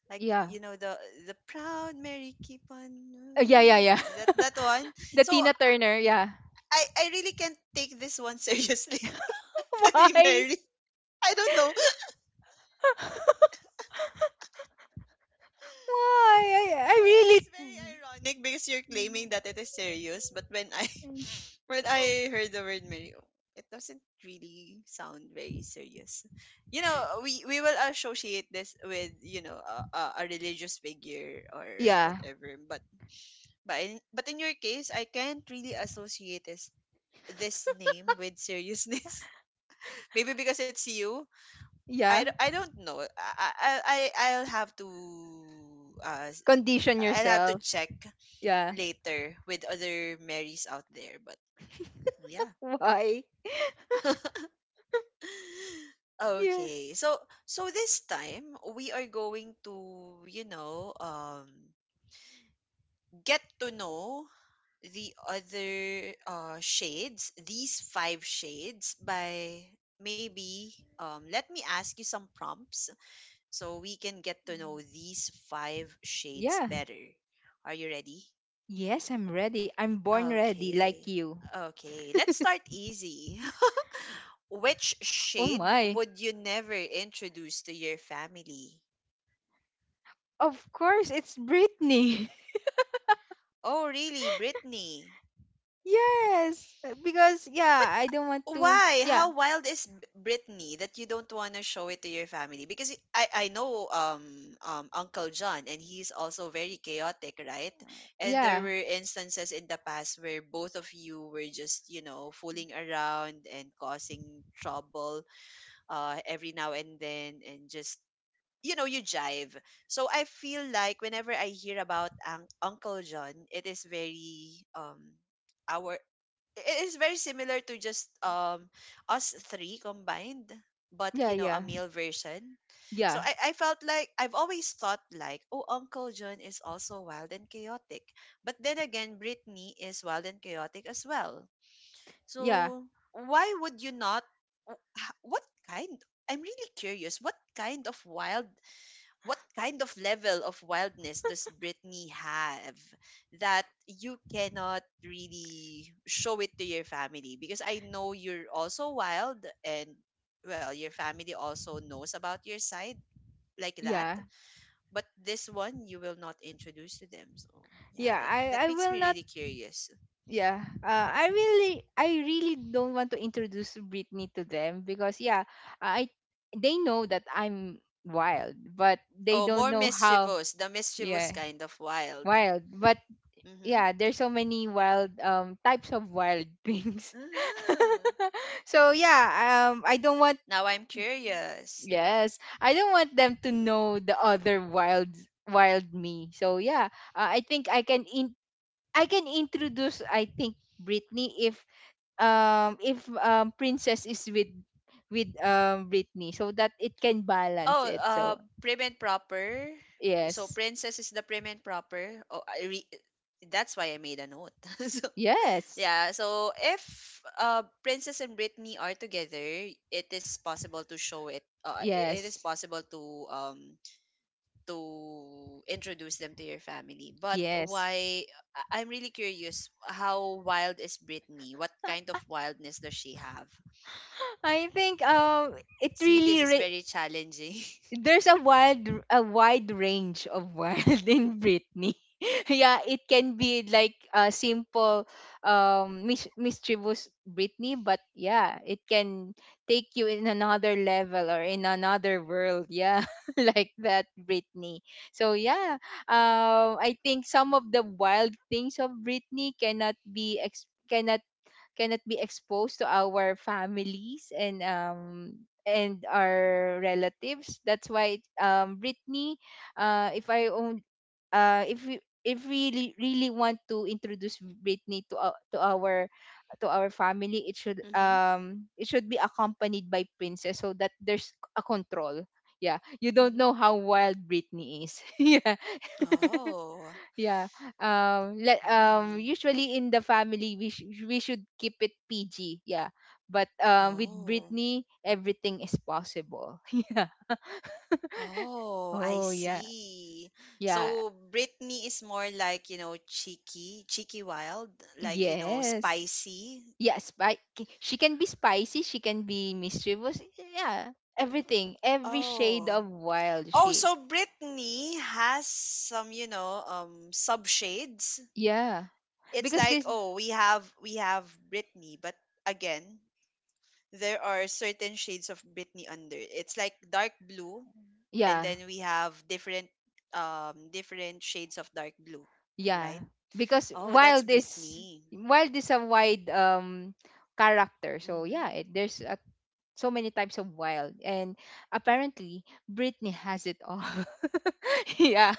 [SPEAKER 1] Like
[SPEAKER 2] Yeah.
[SPEAKER 1] you know the proud Mary keep on
[SPEAKER 2] Yeah, yeah, yeah.
[SPEAKER 1] yeah, that one.
[SPEAKER 2] the
[SPEAKER 1] So
[SPEAKER 2] Tina Turner, yeah.
[SPEAKER 1] I really can't take this one seriously. Any
[SPEAKER 2] Why?
[SPEAKER 1] Mary. I don't know. It's
[SPEAKER 2] Why? I
[SPEAKER 1] it's very
[SPEAKER 2] really.
[SPEAKER 1] ironic because you're claiming that it is serious, but when I heard the word Mary, oh, it doesn't really sound very serious. You know, we will associate this with, you know, a religious figure or
[SPEAKER 2] Yeah,
[SPEAKER 1] whatever. But but in your case, I can't really associate this name with seriousness. Maybe because it's you.
[SPEAKER 2] yeah.
[SPEAKER 1] I don't know. I'll have to uh, s-
[SPEAKER 2] Condition
[SPEAKER 1] I'll have to
[SPEAKER 2] yourself.
[SPEAKER 1] check
[SPEAKER 2] Yeah.
[SPEAKER 1] later with other Marys out there. But yeah.
[SPEAKER 2] Why? Yeah.
[SPEAKER 1] Okay. So so this time we are going to, you know, get to know the other shades, these five shades by maybe let me ask you some prompts so we can get to know these five shades
[SPEAKER 2] Yeah.
[SPEAKER 1] better. Are you ready?
[SPEAKER 2] Yes, I'm ready. I'm born ready, like
[SPEAKER 1] Okay.
[SPEAKER 2] you.
[SPEAKER 1] Okay. Let's start easy. Which
[SPEAKER 2] Oh my.
[SPEAKER 1] shade would you never introduce to your family?
[SPEAKER 2] Of course, it's Britney.
[SPEAKER 1] Oh, really, Brittany?
[SPEAKER 2] Yes, because
[SPEAKER 1] But
[SPEAKER 2] I don't want to.
[SPEAKER 1] why?
[SPEAKER 2] Yeah,
[SPEAKER 1] How wild is Brittany that you don't want to show it to your family? Because I know Uncle John and he's also very chaotic, right? And there
[SPEAKER 2] yeah,
[SPEAKER 1] were instances in the past where both of you were just, you know, fooling around and causing trouble every now and then and just you know you jive so I feel like whenever I hear about uncle John it is very our it is very similar to just us three combined but you
[SPEAKER 2] yeah,
[SPEAKER 1] know a
[SPEAKER 2] yeah,
[SPEAKER 1] male version so
[SPEAKER 2] yeah,
[SPEAKER 1] I felt like I've always thought like, oh, Uncle John is also wild and chaotic. But then again, Britney is wild and chaotic as well.
[SPEAKER 2] yeah,
[SPEAKER 1] So why would you not? What kind? I'm really curious. What kind of wild? What kind of level of wildness does Britney have that you cannot really show it to your family? Because I know you're also wild, and well, your family also knows about your side like that.
[SPEAKER 2] yeah,
[SPEAKER 1] But this one you will not introduce to them. So yeah,
[SPEAKER 2] yeah.
[SPEAKER 1] that
[SPEAKER 2] I
[SPEAKER 1] makes
[SPEAKER 2] will
[SPEAKER 1] me
[SPEAKER 2] not.
[SPEAKER 1] really curious.
[SPEAKER 2] Yeah, I really don't want to introduce Britney to them because yeah, I They know that I'm wild, but they
[SPEAKER 1] Oh,
[SPEAKER 2] don't
[SPEAKER 1] more
[SPEAKER 2] know how.
[SPEAKER 1] mischievous, the mischievous
[SPEAKER 2] Yeah,
[SPEAKER 1] kind of wild.
[SPEAKER 2] wild, but
[SPEAKER 1] Mm-hmm.
[SPEAKER 2] yeah, there's so many wild types of wild things.
[SPEAKER 1] Mm-hmm.
[SPEAKER 2] So yeah, I don't want.
[SPEAKER 1] Now I'm curious.
[SPEAKER 2] Yes, I don't want them to know the other wild me. So yeah, I think I can introduce, I think, Britney if Princess is with Britney so that it can
[SPEAKER 1] Oh,
[SPEAKER 2] balance it. So
[SPEAKER 1] prim and proper. So
[SPEAKER 2] yes,
[SPEAKER 1] princess is the prim and proper. Oh, that's why I made a note. so,
[SPEAKER 2] yes,
[SPEAKER 1] yeah. So if princess and Britney are together, it is possible to show it. It is
[SPEAKER 2] yes,
[SPEAKER 1] possible um to introduce them to your family. But
[SPEAKER 2] yes.
[SPEAKER 1] why? I'm really curious. How wild is Britney? What kind of wildness does she have?
[SPEAKER 2] I think
[SPEAKER 1] Yeah. See, this is very challenging.
[SPEAKER 2] there's a wide range of wild in Britney. Yeah, it can be like a simple mischievous Britney, but yeah, it can take you in another level or in another world. Yeah, like that Britney. So yeah, I think some of the wild things of Britney cannot be exposed to our families and our relatives. That's why Britney, if I own, if we, if we really, really want to introduce Britney to our family,
[SPEAKER 1] mhm.
[SPEAKER 2] it should be accompanied by princess so that there's a control. Yeah, you don't
[SPEAKER 1] Mhm.
[SPEAKER 2] know how wild Britney is. Yeah.
[SPEAKER 1] Oh.
[SPEAKER 2] Yeah. Let,
[SPEAKER 1] Mm.
[SPEAKER 2] usually in the family we should keep it PG. Yeah. But with
[SPEAKER 1] Oh.
[SPEAKER 2] Britney everything is possible. Yeah.
[SPEAKER 1] Oh, I
[SPEAKER 2] Oh yeah.
[SPEAKER 1] see.
[SPEAKER 2] Yeah.
[SPEAKER 1] So Britney is more like, you know, cheeky wild, like, you know,
[SPEAKER 2] Yes.
[SPEAKER 1] spicy.
[SPEAKER 2] Yeah, she can be spicy, she can be mischievous. Yeah. Everything, every shade
[SPEAKER 1] Oh.
[SPEAKER 2] of wild
[SPEAKER 1] Oh,
[SPEAKER 2] she.
[SPEAKER 1] so Britney has some, you know, subshades.
[SPEAKER 2] Yeah.
[SPEAKER 1] It's
[SPEAKER 2] Because
[SPEAKER 1] like,
[SPEAKER 2] this
[SPEAKER 1] oh, we have Britney, but again, there are certain shades of Britney under. It's like dark blue and
[SPEAKER 2] Yeah.
[SPEAKER 1] then we have different shades of dark blue,
[SPEAKER 2] Yeah,
[SPEAKER 1] right?
[SPEAKER 2] because
[SPEAKER 1] Oh, that's Brittany.
[SPEAKER 2] while this a wide character, so
[SPEAKER 1] Mm-hmm.
[SPEAKER 2] yeah, there's a, so many types of wild, and apparently Britney has it all. Yeah,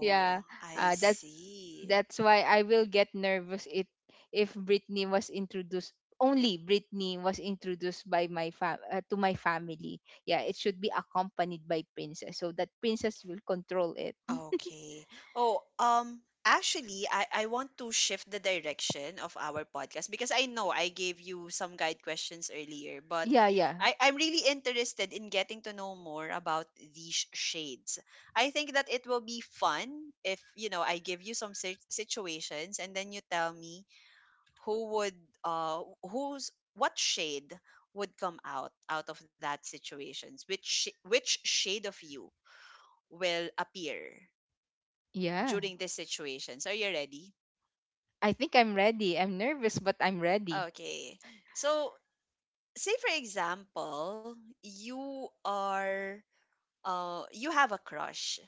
[SPEAKER 2] yeah,
[SPEAKER 1] I
[SPEAKER 2] uh,
[SPEAKER 1] see.
[SPEAKER 2] that's why I will get nervous it if Britney was introduced only Britney was introduced by to my family. Yeah, it should be accompanied by princess so that princess will control it.
[SPEAKER 1] Okay. Oh, actually, I want to shift the direction of our podcast because I know I gave you some guide questions earlier, but
[SPEAKER 2] Yeah, yeah,
[SPEAKER 1] I'm really interested in getting to know more about these shades. I think that it will be fun if, you know, I give you some situations and then you tell me who would, what shade would come out out of that situations, which shade of you will appear
[SPEAKER 2] yeah.
[SPEAKER 1] during these situations. Are you ready?
[SPEAKER 2] I think I'm ready. I'm nervous, but I'm ready.
[SPEAKER 1] Okay. So, say for example, you are you have a crush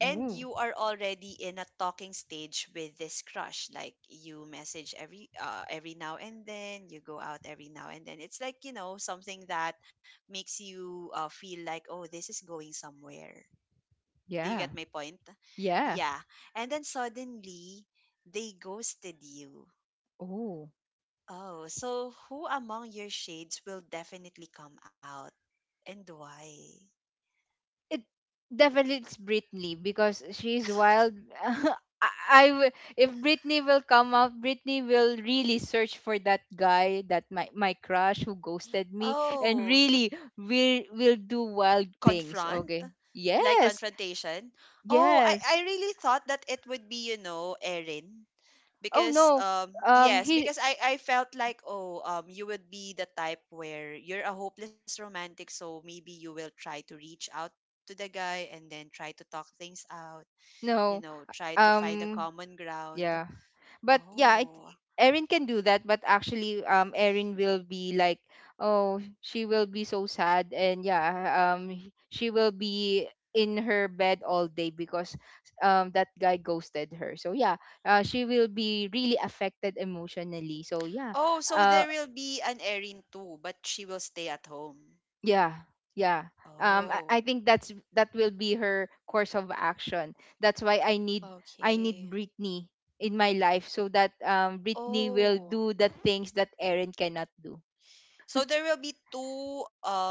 [SPEAKER 1] and you are already in a talking stage with this crush like you message every now and then you go out every now and then it's like you know something that makes you feel like oh this is going somewhere do you
[SPEAKER 2] yeah,
[SPEAKER 1] get my point
[SPEAKER 2] yeah.
[SPEAKER 1] yeah and then suddenly they ghosted you.
[SPEAKER 2] Ooh,
[SPEAKER 1] Oh, so who among your shades will definitely come out and why?
[SPEAKER 2] it definitely it's Britney because she's wild. I, I w- if Britney will come up, Britney will really search for that guy, that my crush who ghosted me, and
[SPEAKER 1] Oh,
[SPEAKER 2] really will do wild things.
[SPEAKER 1] confront?
[SPEAKER 2] Okay.
[SPEAKER 1] Like
[SPEAKER 2] Yes.
[SPEAKER 1] confrontation? Oh,
[SPEAKER 2] Yes.
[SPEAKER 1] I really thought that it would be, you know, Erin.
[SPEAKER 2] Oh
[SPEAKER 1] Because
[SPEAKER 2] no.
[SPEAKER 1] yes,
[SPEAKER 2] He
[SPEAKER 1] because I felt like oh you would be the type where you're a hopeless romantic, so maybe you will try to reach out to the guy and then try to talk things out, you
[SPEAKER 2] no.
[SPEAKER 1] know, try to find a
[SPEAKER 2] Um.
[SPEAKER 1] common ground.
[SPEAKER 2] Yeah. But yeah, I,
[SPEAKER 1] Oh,
[SPEAKER 2] Erin can do that, but actually Erin will be like, oh, she will be so sad and yeah, she will be in her bed all day because that guy ghosted her. So yeah, she will be really affected emotionally. So yeah,
[SPEAKER 1] Oh, so there will be an Erin too, but she will stay at home.
[SPEAKER 2] yeah, yeah.
[SPEAKER 1] Oh,
[SPEAKER 2] I think that's that will be her course of action. That's why I need
[SPEAKER 1] okay.
[SPEAKER 2] Britney in my life so that Britney will
[SPEAKER 1] Oh,
[SPEAKER 2] do the things that Erin cannot do.
[SPEAKER 1] so there will be two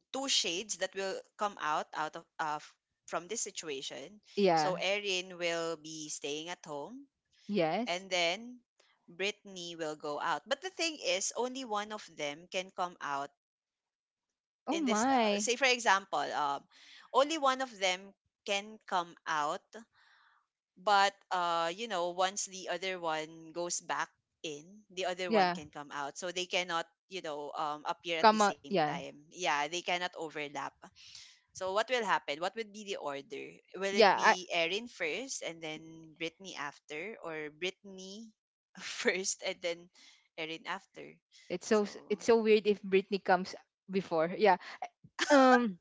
[SPEAKER 1] two shades that will come out out of from this situation.
[SPEAKER 2] Yeah.
[SPEAKER 1] So Erin will be staying at home,
[SPEAKER 2] Yes.
[SPEAKER 1] and then Brittany will go out. But the thing is, only one of them can come out
[SPEAKER 2] Oh
[SPEAKER 1] in this. Uh,
[SPEAKER 2] my.
[SPEAKER 1] say for example, only one of them can come out but you know once the other one goes back in, the other one
[SPEAKER 2] Yeah.
[SPEAKER 1] can come out, so they cannot, appear at the
[SPEAKER 2] Come on.
[SPEAKER 1] same
[SPEAKER 2] Yeah.
[SPEAKER 1] time. Yeah, they cannot overlap. So what will happen, what would be the order? Will it
[SPEAKER 2] Yeah. I,
[SPEAKER 1] be Erin first and then Brittany after, or Brittany first and then Erin after?
[SPEAKER 2] it's so
[SPEAKER 1] So
[SPEAKER 2] s- it's so weird if Britney comes before. Yeah. Um.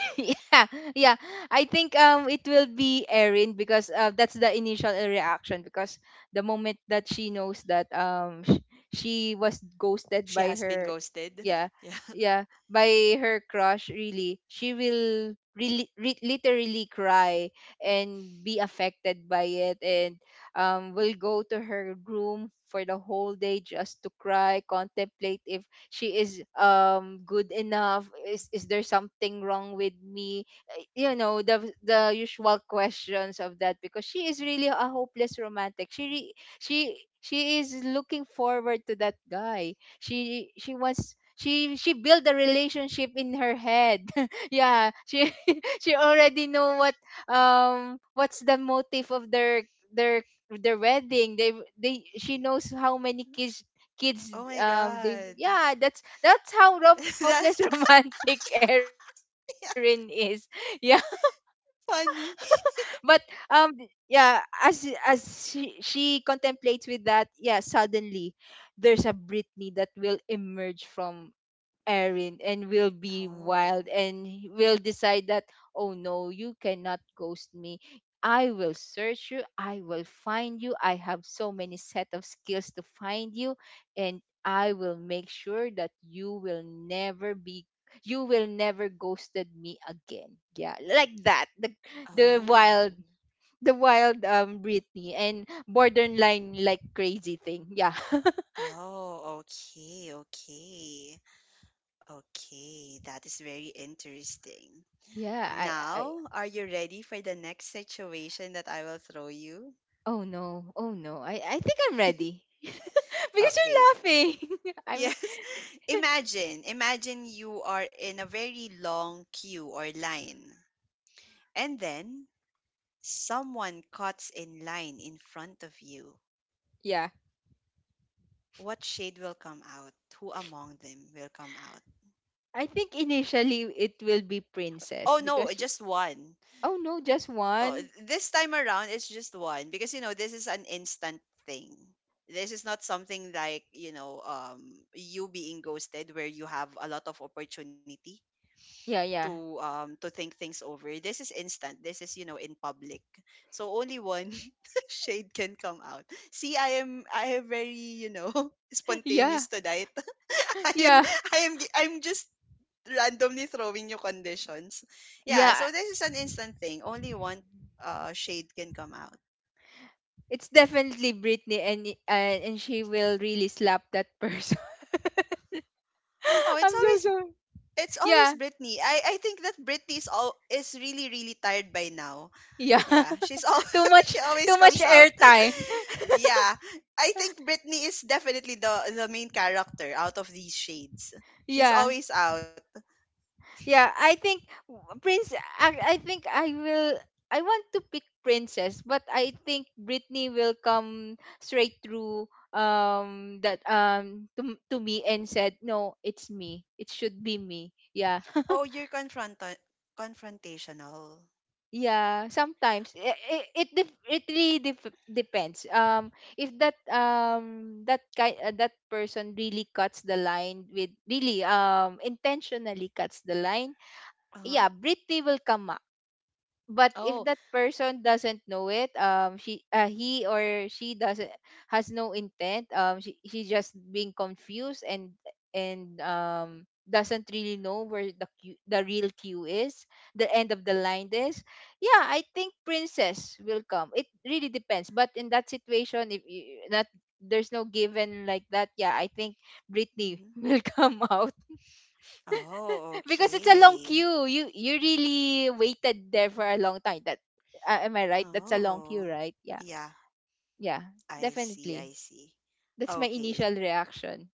[SPEAKER 2] yeah, yeah. I think it will be Erin because that's the initial reaction because the moment that she knows that she was
[SPEAKER 1] she has
[SPEAKER 2] ghosted
[SPEAKER 1] been
[SPEAKER 2] by her
[SPEAKER 1] ghosted. Yeah.
[SPEAKER 2] yeah, yeah, by her crush, really, she will really literally cry and be affected by it and will go to her room for the whole day just to cry, contemplate if she is good enough, is there something wrong with me. You know, the usual questions of that because she is really a hopeless romantic. She is looking forward to that guy. She built a relationship in her head. Yeah, she she already know what what's the motive of their their their wedding. They, she knows how many kids
[SPEAKER 1] Oh my
[SPEAKER 2] they,
[SPEAKER 1] god.
[SPEAKER 2] yeah, that's how rough,
[SPEAKER 1] That
[SPEAKER 2] hopeless romantic Erin is. Yeah.
[SPEAKER 1] funny.
[SPEAKER 2] But um yeah, as she contemplates with that, yeah, suddenly there's a Britney that will emerge from Erin, and will be
[SPEAKER 1] Oh,
[SPEAKER 2] wild and will decide that, oh no, you cannot ghost me. I will search you. I will find you. I have so many set of skills to find you. And I will make sure that you will never ghosted me again. Yeah, like that. The
[SPEAKER 1] oh,
[SPEAKER 2] wild, the wild, Britney and borderline like crazy thing. Yeah.
[SPEAKER 1] oh, okay, okay. Okay, that is very interesting.
[SPEAKER 2] Yeah, I
[SPEAKER 1] Now, are you ready for the next situation that I will throw you?
[SPEAKER 2] Oh no. Oh no. I think I'm ready. Because
[SPEAKER 1] Okay.
[SPEAKER 2] you're laughing. I'm
[SPEAKER 1] Yes. Imagine, you are in a very long queue or line, and then someone cuts in line in front of you.
[SPEAKER 2] yeah.
[SPEAKER 1] What shade will come out? Who among them will come out?
[SPEAKER 2] I think initially it will be princess
[SPEAKER 1] Oh no,
[SPEAKER 2] because
[SPEAKER 1] just one.
[SPEAKER 2] oh no, just
[SPEAKER 1] Oh,
[SPEAKER 2] one.
[SPEAKER 1] this time around, it's just one because, you know, this is an instant thing. This is not something like, you being ghosted where you have a lot of opportunity
[SPEAKER 2] Yeah, yeah.
[SPEAKER 1] to think things over. This is instant. This is, you know, in public, so only one shade can come out. See, I am very, you know
[SPEAKER 2] Yeah.
[SPEAKER 1] spontaneous tonight. I am
[SPEAKER 2] Yeah.
[SPEAKER 1] I'm just randomly throwing you conditions. Yeah,
[SPEAKER 2] Yeah.
[SPEAKER 1] so this is an instant thing. Only one shade can come out.
[SPEAKER 2] It's definitely Britney and and she will really slap that person.
[SPEAKER 1] Oh, it's
[SPEAKER 2] I'm so
[SPEAKER 1] always
[SPEAKER 2] sorry.
[SPEAKER 1] it's always
[SPEAKER 2] Yeah.
[SPEAKER 1] Britney. I think that Britney is all is really really tired by now.
[SPEAKER 2] Yeah.
[SPEAKER 1] Yeah, she's all
[SPEAKER 2] Too
[SPEAKER 1] she
[SPEAKER 2] much,
[SPEAKER 1] always
[SPEAKER 2] too much
[SPEAKER 1] comes out.
[SPEAKER 2] airtime.
[SPEAKER 1] Yeah, I think Britney is definitely the main character out of these shades. She's
[SPEAKER 2] Yeah.
[SPEAKER 1] always out.
[SPEAKER 2] Yeah, I think Prince. I think I will. I want to pick Princess, but I think Britney will come straight through that to me and said no, it's me, it should be me, yeah.
[SPEAKER 1] Oh, you're confrontational.
[SPEAKER 2] Yeah, sometimes it really depends if that that kind that person really cuts the line with really intentionally cuts the line.
[SPEAKER 1] Uh huh.
[SPEAKER 2] Yeah, Britney will come. But if that person doesn't know it, she, he or she doesn't, has no intent, she just being confused and doesn't really know where the Q, the real cue is, the end of the line is, yeah, I think princess will come. It really depends, but in that situation if that there's no given like that, yeah, I think Britney
[SPEAKER 1] Oh,
[SPEAKER 2] will come out,
[SPEAKER 1] oh,
[SPEAKER 2] because it's a long
[SPEAKER 1] okay.
[SPEAKER 2] queue. You really waited there for a long time. That am I right? That's a long queue,
[SPEAKER 1] Oh,
[SPEAKER 2] right? Yeah.
[SPEAKER 1] yeah,
[SPEAKER 2] Yeah.
[SPEAKER 1] I see,
[SPEAKER 2] Definitely.
[SPEAKER 1] I see.
[SPEAKER 2] That's my
[SPEAKER 1] Okay,
[SPEAKER 2] initial reaction.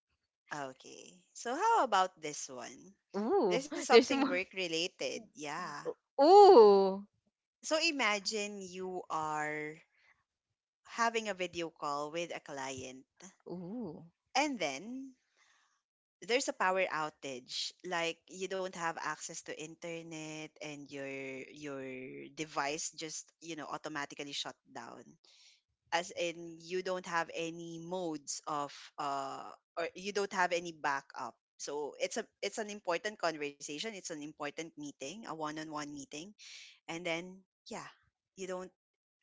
[SPEAKER 1] okay. So, how about this one?
[SPEAKER 2] Ooh,
[SPEAKER 1] This is
[SPEAKER 2] there's
[SPEAKER 1] something work
[SPEAKER 2] more.
[SPEAKER 1] related, yeah.
[SPEAKER 2] Ooh.
[SPEAKER 1] So, imagine you are having a video call with a client,
[SPEAKER 2] Ooh.
[SPEAKER 1] and then there's a power outage. Like, you don't have access to internet, and your device just, you know, automatically shut down, as in you don't have any modes of uh or you don't have any backup. So it's a it's an important conversation, it's an important meeting, a one-on-one meeting, and then yeah, you don't,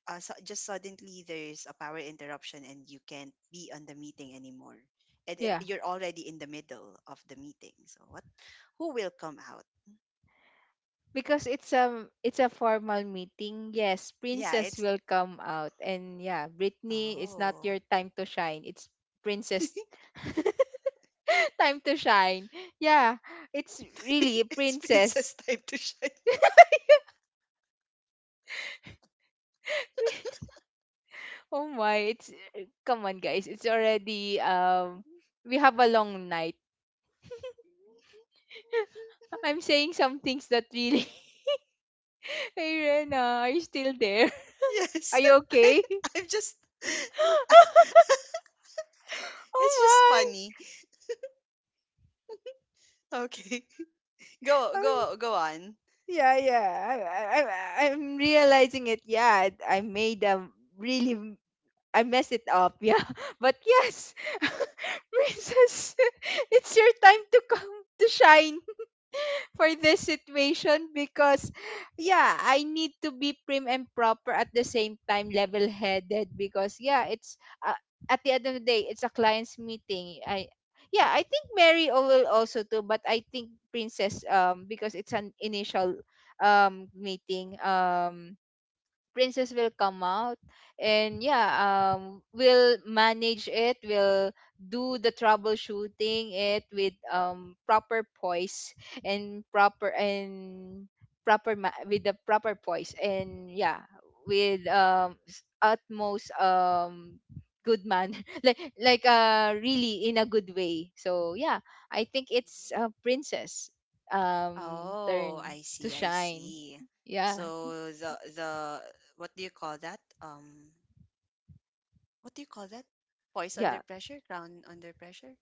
[SPEAKER 1] so just suddenly there's a power interruption and you can't be on the meeting anymore, and it,
[SPEAKER 2] Yeah.
[SPEAKER 1] you're already in the middle of the meeting, so what, who will come out?
[SPEAKER 2] Because it's a formal meeting. Yes,
[SPEAKER 1] Yeah,
[SPEAKER 2] Princess
[SPEAKER 1] it's
[SPEAKER 2] will come out. And yeah, Britney, it's not
[SPEAKER 1] oh
[SPEAKER 2] your time to shine. It's Princess time to shine. Yeah. It's really
[SPEAKER 1] it's princess
[SPEAKER 2] Princess.
[SPEAKER 1] time to shine.
[SPEAKER 2] Oh my, it's come on guys, it's already we have a long night. I'm saying some things that really hey Rena, are you still there? Are
[SPEAKER 1] Yes.
[SPEAKER 2] you
[SPEAKER 1] I,
[SPEAKER 2] okay?
[SPEAKER 1] I'm just it's just
[SPEAKER 2] Oh my.
[SPEAKER 1] funny. Okay.
[SPEAKER 2] I'm-
[SPEAKER 1] Go on.
[SPEAKER 2] yeah, yeah. I'm realizing it. Yeah, I made a really m- I messed it up. Yeah. But yes, princess, it's your time to come to shine, for this situation because yeah, I need to be prim and proper, at the same time level headed, because yeah, it's uh, at the end of the day it's a client's meeting. I Yeah, I think Mary will also too, but I think princess, because it's an initial meeting, princess will come out. And yeah, we'll manage it, we'll do the troubleshooting it with proper poise and proper with the proper poise, and yeah, with utmost good man, like really in a good way, so yeah, I think it's
[SPEAKER 1] Mhm.
[SPEAKER 2] a princess
[SPEAKER 1] Oh,
[SPEAKER 2] turn
[SPEAKER 1] I
[SPEAKER 2] to
[SPEAKER 1] see, I
[SPEAKER 2] shine,
[SPEAKER 1] see.
[SPEAKER 2] yeah,
[SPEAKER 1] So the what do you call that? What do you call that? Voice under
[SPEAKER 2] yeah.
[SPEAKER 1] pressure, crown under pressure,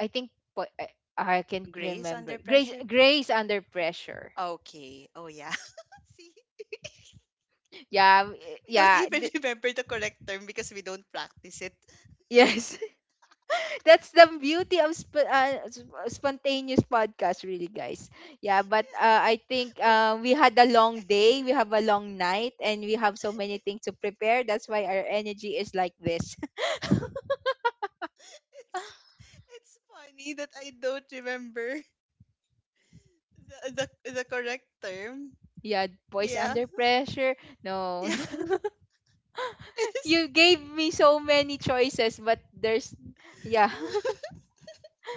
[SPEAKER 2] I think po- I can
[SPEAKER 1] grace
[SPEAKER 2] remember
[SPEAKER 1] under
[SPEAKER 2] Grace,
[SPEAKER 1] pressure.
[SPEAKER 2] Grace under pressure.
[SPEAKER 1] Okay. Oh yeah. See,
[SPEAKER 2] Yeah, m-
[SPEAKER 1] we don't
[SPEAKER 2] yeah,
[SPEAKER 1] even
[SPEAKER 2] th-
[SPEAKER 1] remember the correct term because we don't practice it.
[SPEAKER 2] yes. That's the beauty of spontaneous podcast, really, guys. Yeah, but I think
[SPEAKER 1] We-
[SPEAKER 2] we had a long day, we have a long night, and we have so many things to prepare. That's why our energy is like this.
[SPEAKER 1] It's it's funny that I don't remember the the correct term.
[SPEAKER 2] Yeah, boys
[SPEAKER 1] Yeah.
[SPEAKER 2] under pressure. No,
[SPEAKER 1] Yeah. It is.
[SPEAKER 2] you gave me so many choices, but there's yeah,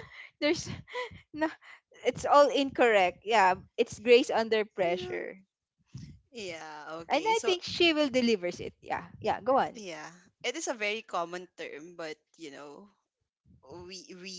[SPEAKER 2] there's no, it's all incorrect. Yeah, it's Grace under
[SPEAKER 1] Yeah.
[SPEAKER 2] pressure.
[SPEAKER 1] Yeah,
[SPEAKER 2] And
[SPEAKER 1] okay.
[SPEAKER 2] I
[SPEAKER 1] So,
[SPEAKER 2] think she will delivers it. Yeah. Yeah, go on.
[SPEAKER 1] yeah. It is a very common term, but you know, we we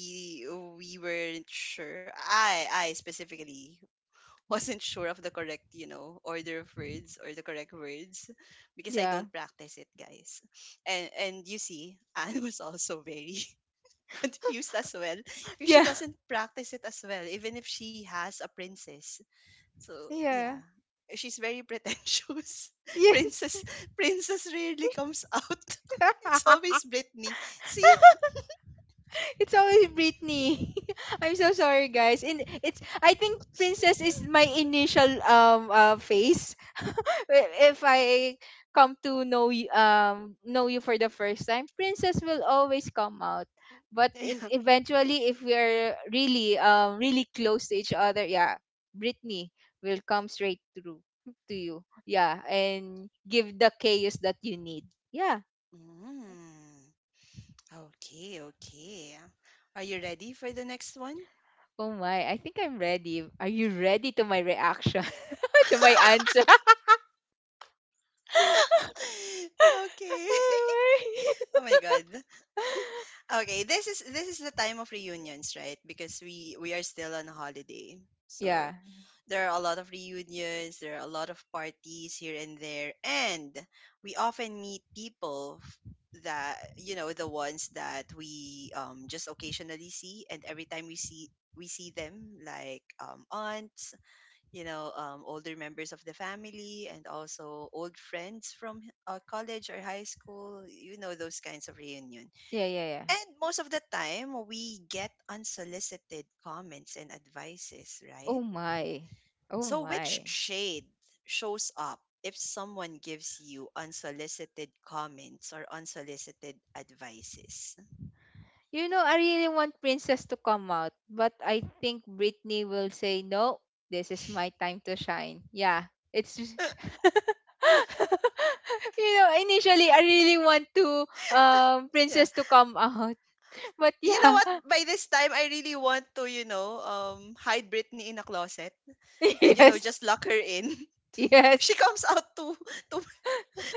[SPEAKER 1] we weren't sure. I specifically wasn't sure of the correct, you know, order of words or the correct words because I
[SPEAKER 2] Yeah.
[SPEAKER 1] don't practice it, guys. And you see, Anne was also very confused as well because she
[SPEAKER 2] Yeah.
[SPEAKER 1] doesn't practice it as well, even if she has a princess. So
[SPEAKER 2] Yeah.
[SPEAKER 1] yeah, she's very pretentious.
[SPEAKER 2] Yes.
[SPEAKER 1] princess, Princess rarely comes out. It's always Britney. See.
[SPEAKER 2] It's always Britney. I'm so sorry, guys. And it's I think Princess is my initial face. If I come to know you, know you for the first time, Princess will always come out. But in,
[SPEAKER 1] Yeah.
[SPEAKER 2] eventually, if we are really really close to each other, yeah, Britney will come straight through to you. Yeah, and give the chaos that you need. Yeah,
[SPEAKER 1] Mm. Okay, okay. Are you ready for the next one?
[SPEAKER 2] oh my, I think I'm ready. Are you ready to my reaction? To my answer?
[SPEAKER 1] Okay.
[SPEAKER 2] Oh
[SPEAKER 1] Oh my god.
[SPEAKER 2] my.
[SPEAKER 1] Okay, this is the time of reunions, right? Because we are still on holiday.
[SPEAKER 2] Yeah.
[SPEAKER 1] So there are a lot of reunions, there are a lot of parties here and there, and we often meet people that, you know, the ones that we just occasionally see, and every time we see them, like aunts, you know, older members of the family, and also old friends from college or high school, you know those kinds of reunion.
[SPEAKER 2] Yeah, yeah, yeah.
[SPEAKER 1] And most of the time, we get unsolicited comments and advices, right?
[SPEAKER 2] Oh my. Oh
[SPEAKER 1] So, which
[SPEAKER 2] my.
[SPEAKER 1] shade shows up if someone gives you unsolicited comments or unsolicited advices?
[SPEAKER 2] You know, I really want Princess to come out, but I think Britney will say, no, this is my time to shine. Yeah. It's just. You know, initially, I really want to
[SPEAKER 1] Yeah.
[SPEAKER 2] Princess to come out. But
[SPEAKER 1] You know
[SPEAKER 2] yeah.
[SPEAKER 1] what? By this time, I really want to, you know, hide Britney in a closet and, you know, just
[SPEAKER 2] Yes.
[SPEAKER 1] lock her in. She
[SPEAKER 2] Yes.
[SPEAKER 1] comes out too,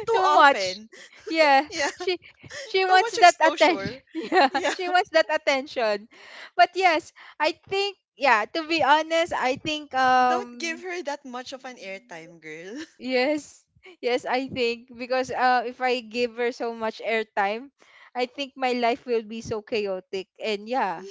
[SPEAKER 1] too
[SPEAKER 2] Too much.
[SPEAKER 1] often.
[SPEAKER 2] Yeah,
[SPEAKER 1] Yeah.
[SPEAKER 2] she she
[SPEAKER 1] Too
[SPEAKER 2] wants
[SPEAKER 1] much
[SPEAKER 2] that attention.
[SPEAKER 1] exposure.
[SPEAKER 2] Yeah,
[SPEAKER 1] Yeah.
[SPEAKER 2] she wants that attention. But yes, I think to be honest, I think
[SPEAKER 1] Don't give her that much of an airtime, girl.
[SPEAKER 2] yes. Yes, I think because if I give her so much airtime, I think my life will be so chaotic and yeah,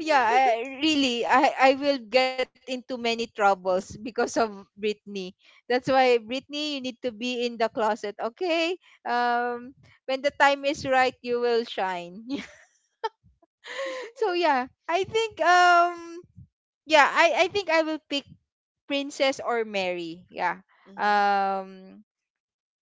[SPEAKER 2] Yeah, I, really, I I will get into many troubles because of Britney. That's why Britney, you need to be in the closet, okay? Um, when the time is right, you will shine. so yeah, I think yeah, I think I will pick Princess or Mary. Yeah.
[SPEAKER 1] Mm-hmm.
[SPEAKER 2] Um,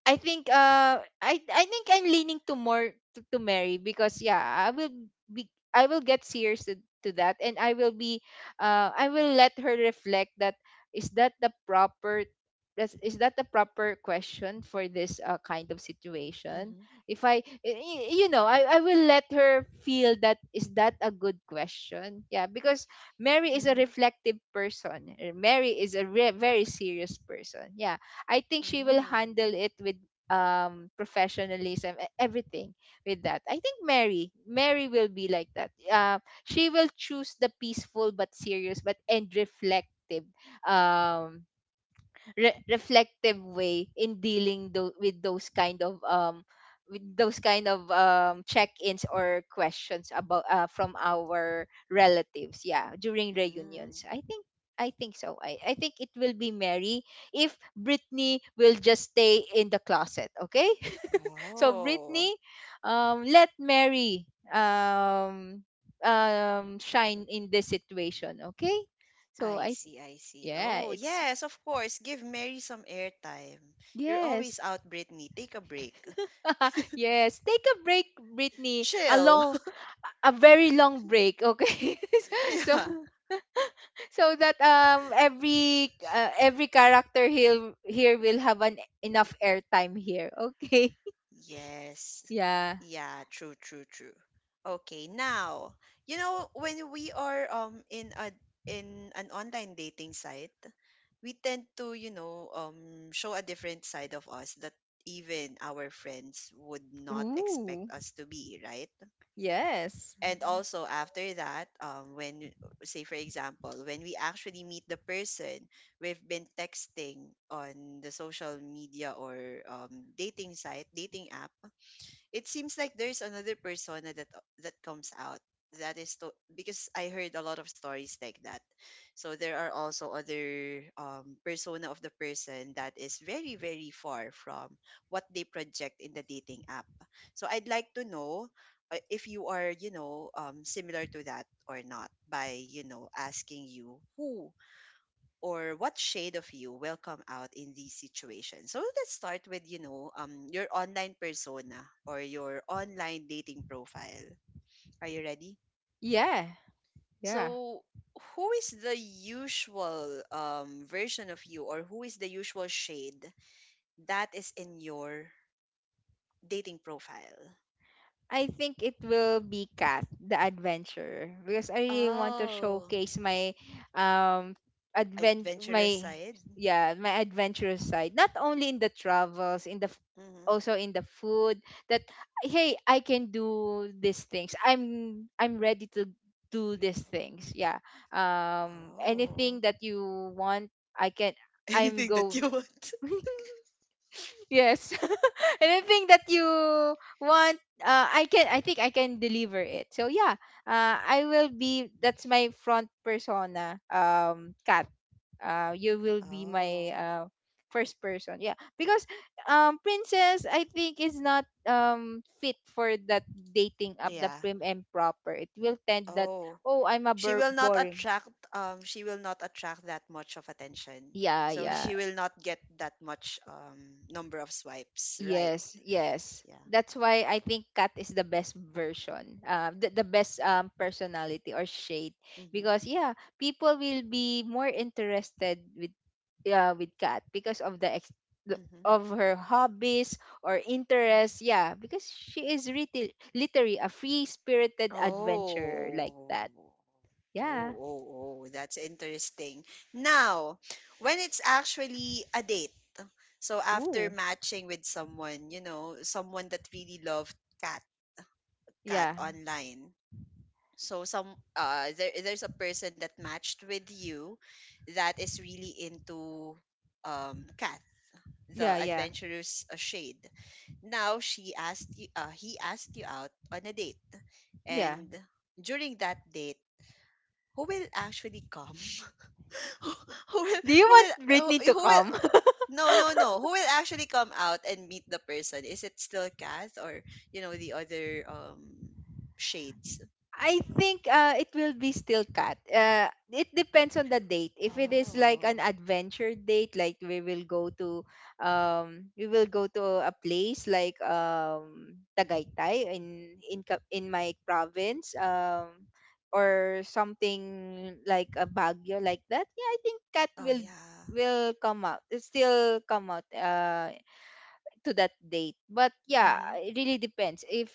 [SPEAKER 2] I think I think I'm leaning to more to Mary because yeah, I will get serious to that and I will be I will let her reflect that is that the proper is that the proper question for this kind of situation.
[SPEAKER 1] Mm-hmm.
[SPEAKER 2] If I y- y- You know, I will let her feel, that is that a good question? Yeah, because Mary is a
[SPEAKER 1] Mm-hmm.
[SPEAKER 2] reflective person. Mary is a very serious person, yeah. I think she will
[SPEAKER 1] Mm-hmm.
[SPEAKER 2] handle it with professionalism, everything. With that, I think Mary will be like that. She will choose the peaceful but serious but and reflective um reflective way in dealing with those kind of check-ins or questions about from our relatives, yeah, during
[SPEAKER 1] Mm-hmm.
[SPEAKER 2] reunions. I think I think it will be Mary, if Brittany will just stay in the closet, okay. so
[SPEAKER 1] Oh,
[SPEAKER 2] brittany um let Mary shine in this situation, okay? so
[SPEAKER 1] I
[SPEAKER 2] I
[SPEAKER 1] see, I see.
[SPEAKER 2] yeah
[SPEAKER 1] Oh,
[SPEAKER 2] it's
[SPEAKER 1] yes, of course. Give Mary some airtime. You're
[SPEAKER 2] Yes.
[SPEAKER 1] always out, Brittany. Take a break.
[SPEAKER 2] yes, take a break, Brittany. A
[SPEAKER 1] Chill.
[SPEAKER 2] long, a very long break. Okay, so
[SPEAKER 1] Yeah.
[SPEAKER 2] that every character here will have an enough airtime here. Okay,
[SPEAKER 1] Yes.
[SPEAKER 2] yeah.
[SPEAKER 1] Yeah, true. Okay, now, you know, when we are in a in an online dating site, we tend to, you know, show a different side of us that even our friends would not
[SPEAKER 2] Ooh,
[SPEAKER 1] expect us to be, right?
[SPEAKER 2] yes,
[SPEAKER 1] And also after that, when, say for example, when we actually meet the person we've been texting on the social media or dating site, dating app, it seems like there's another persona that comes out, that is to because I heard a lot of stories like that. So there are also other persona of the person that is very very far from what they project in the dating app. So I'd like to know, if you are, you know, similar to that or not by, you know, asking you who or what shade of you will come out in these situations. So let's start with, you know, your online persona or your online dating profile. Are you ready?
[SPEAKER 2] yeah, yeah.
[SPEAKER 1] So who is the usual version of you, or who is the usual shade that is in your dating profile?
[SPEAKER 2] I think it will be Cat the Adventurer because I really want to
[SPEAKER 1] Oh,
[SPEAKER 2] showcase my um advent
[SPEAKER 1] adventurous
[SPEAKER 2] my
[SPEAKER 1] side.
[SPEAKER 2] yeah my adventurous side, not only in the travels in
[SPEAKER 1] Mm-hmm.
[SPEAKER 2] also in the food. That Hey, I can do these things, I'm ready to do these things, yeah.
[SPEAKER 1] Oh,
[SPEAKER 2] Anything that you want, I can. I'm
[SPEAKER 1] anything that
[SPEAKER 2] go
[SPEAKER 1] you want.
[SPEAKER 2] Yes. Anything that you want, I can. I think I can deliver it. So yeah, I will be, that's my front persona. Kat. You will be my
[SPEAKER 1] Oh,
[SPEAKER 2] first person. Yeah. Because Princess, I think, is not fit for that dating up, the
[SPEAKER 1] yeah.
[SPEAKER 2] prim and proper. It will tend that,
[SPEAKER 1] Oh,
[SPEAKER 2] oh, I'm a
[SPEAKER 1] she will not
[SPEAKER 2] boring.
[SPEAKER 1] attract she will not attract that much of attention,
[SPEAKER 2] Yeah,
[SPEAKER 1] so she
[SPEAKER 2] yeah.
[SPEAKER 1] will not get that much number of swipes right.
[SPEAKER 2] Yes, yes.
[SPEAKER 1] Yeah,
[SPEAKER 2] That's why I think Kat is the best version, the best personality or shade.
[SPEAKER 1] hmm,
[SPEAKER 2] Because yeah, people will be more interested with yeah with Kat because of the-
[SPEAKER 1] hmm.
[SPEAKER 2] of her hobbies or interests. Yeah, because she is really literally a free spirited adventurer like
[SPEAKER 1] Oh,
[SPEAKER 2] that.
[SPEAKER 1] oh, oh,
[SPEAKER 2] Yeah.
[SPEAKER 1] oh, that's interesting. Now, when it's actually a date, so after
[SPEAKER 2] Ooh.
[SPEAKER 1] matching with someone, you know, someone that really loved cat, cat
[SPEAKER 2] Yeah.
[SPEAKER 1] online. So some there's a person that matched with you that is really into Kat, the
[SPEAKER 2] Yeah. Yeah.
[SPEAKER 1] adventurous shade. Now she asked you, he asked you out on a date,
[SPEAKER 2] Yeah.
[SPEAKER 1] and during that date, who will actually come? Who who will
[SPEAKER 2] Do you
[SPEAKER 1] who will
[SPEAKER 2] want Britney to
[SPEAKER 1] who will,
[SPEAKER 2] come?
[SPEAKER 1] no no no, who will actually come out and meet the person? Is it still Kath or, you know, the other shades?
[SPEAKER 2] I think it will be still Cat. It depends on the date. If it is like
[SPEAKER 1] Oh.
[SPEAKER 2] an adventure date, like we will go to, we will go to a place like Tagaytay, in in my province, or something like a Baguio like that. Yeah, I think Cat
[SPEAKER 1] Oh
[SPEAKER 2] will
[SPEAKER 1] yeah.
[SPEAKER 2] come out. It still come out to that date. But yeah,
[SPEAKER 1] Mhm.
[SPEAKER 2] it really depends. If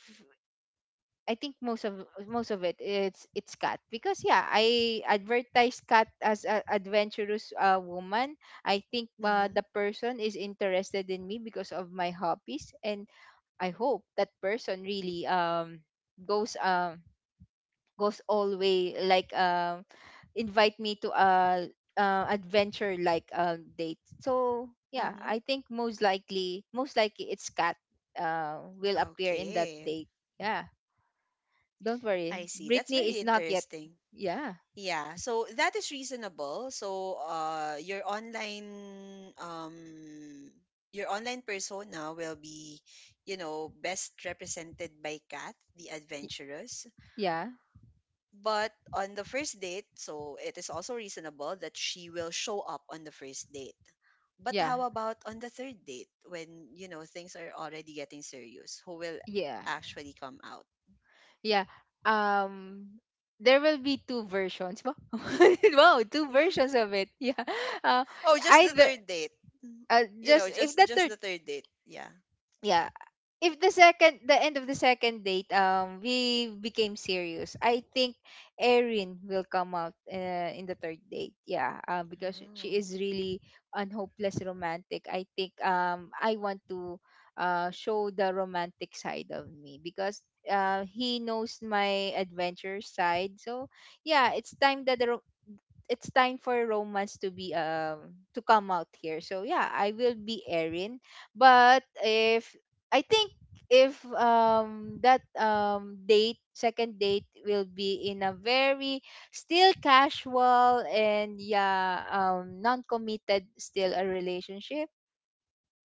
[SPEAKER 2] I think most of it it's Cat because yeah, I advertise Cat as a adventurous woman. I think
[SPEAKER 1] Mhm.
[SPEAKER 2] the person is interested in me because of my hobbies. And I hope that person really goes um goes all way, like invite me to a adventure like date. So yeah,
[SPEAKER 1] Mhm.
[SPEAKER 2] I think most likely, most likely it's Cat will appear in that
[SPEAKER 1] Okay.
[SPEAKER 2] date. Yeah. Don't worry,
[SPEAKER 1] I see. That's
[SPEAKER 2] Britney
[SPEAKER 1] very
[SPEAKER 2] is not yet.
[SPEAKER 1] interesting.
[SPEAKER 2] Yeah.
[SPEAKER 1] Yeah, so that is reasonable. So your online persona will be, you know, best represented by Kat, the
[SPEAKER 2] Y-
[SPEAKER 1] adventurous.
[SPEAKER 2] Yeah.
[SPEAKER 1] But on the first date, so it is also reasonable that she will show up on the first date. But
[SPEAKER 2] Yeah.
[SPEAKER 1] how about on the third date when, you know, things are already getting serious? Who will
[SPEAKER 2] Yeah.
[SPEAKER 1] actually come out?
[SPEAKER 2] Yeah. Um there will be two versions. Wow, wow, two versions of it. Yeah. Uh,
[SPEAKER 1] Oh, just the
[SPEAKER 2] Either,
[SPEAKER 1] third date. Mm, you
[SPEAKER 2] just
[SPEAKER 1] know,
[SPEAKER 2] if the
[SPEAKER 1] just
[SPEAKER 2] third
[SPEAKER 1] the third date. Yeah.
[SPEAKER 2] yeah, if the end of the second date we became serious, I think Erin will come out in the third date, yeah. Because she
[SPEAKER 1] Oh.
[SPEAKER 2] is really an hopeless romantic, I think. I want to show the romantic side of me because he knows my adventure side. So yeah, it's time that the it's time for romance to be to come out here. So yeah, I will be Erin. But if I think if that date second date will be in a very still casual and yeah, non-committed, still a relationship,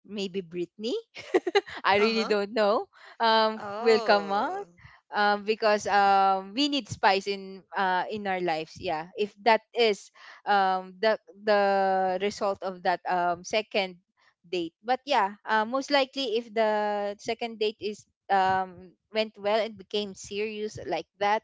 [SPEAKER 2] maybe Brittany. I really
[SPEAKER 1] Uh-huh.
[SPEAKER 2] don't know, will come out.
[SPEAKER 1] Oh.
[SPEAKER 2] Because we need spice in our lives, yeah. If that is the result of that second date. But yeah, most likely if the second date is went well and became serious like that,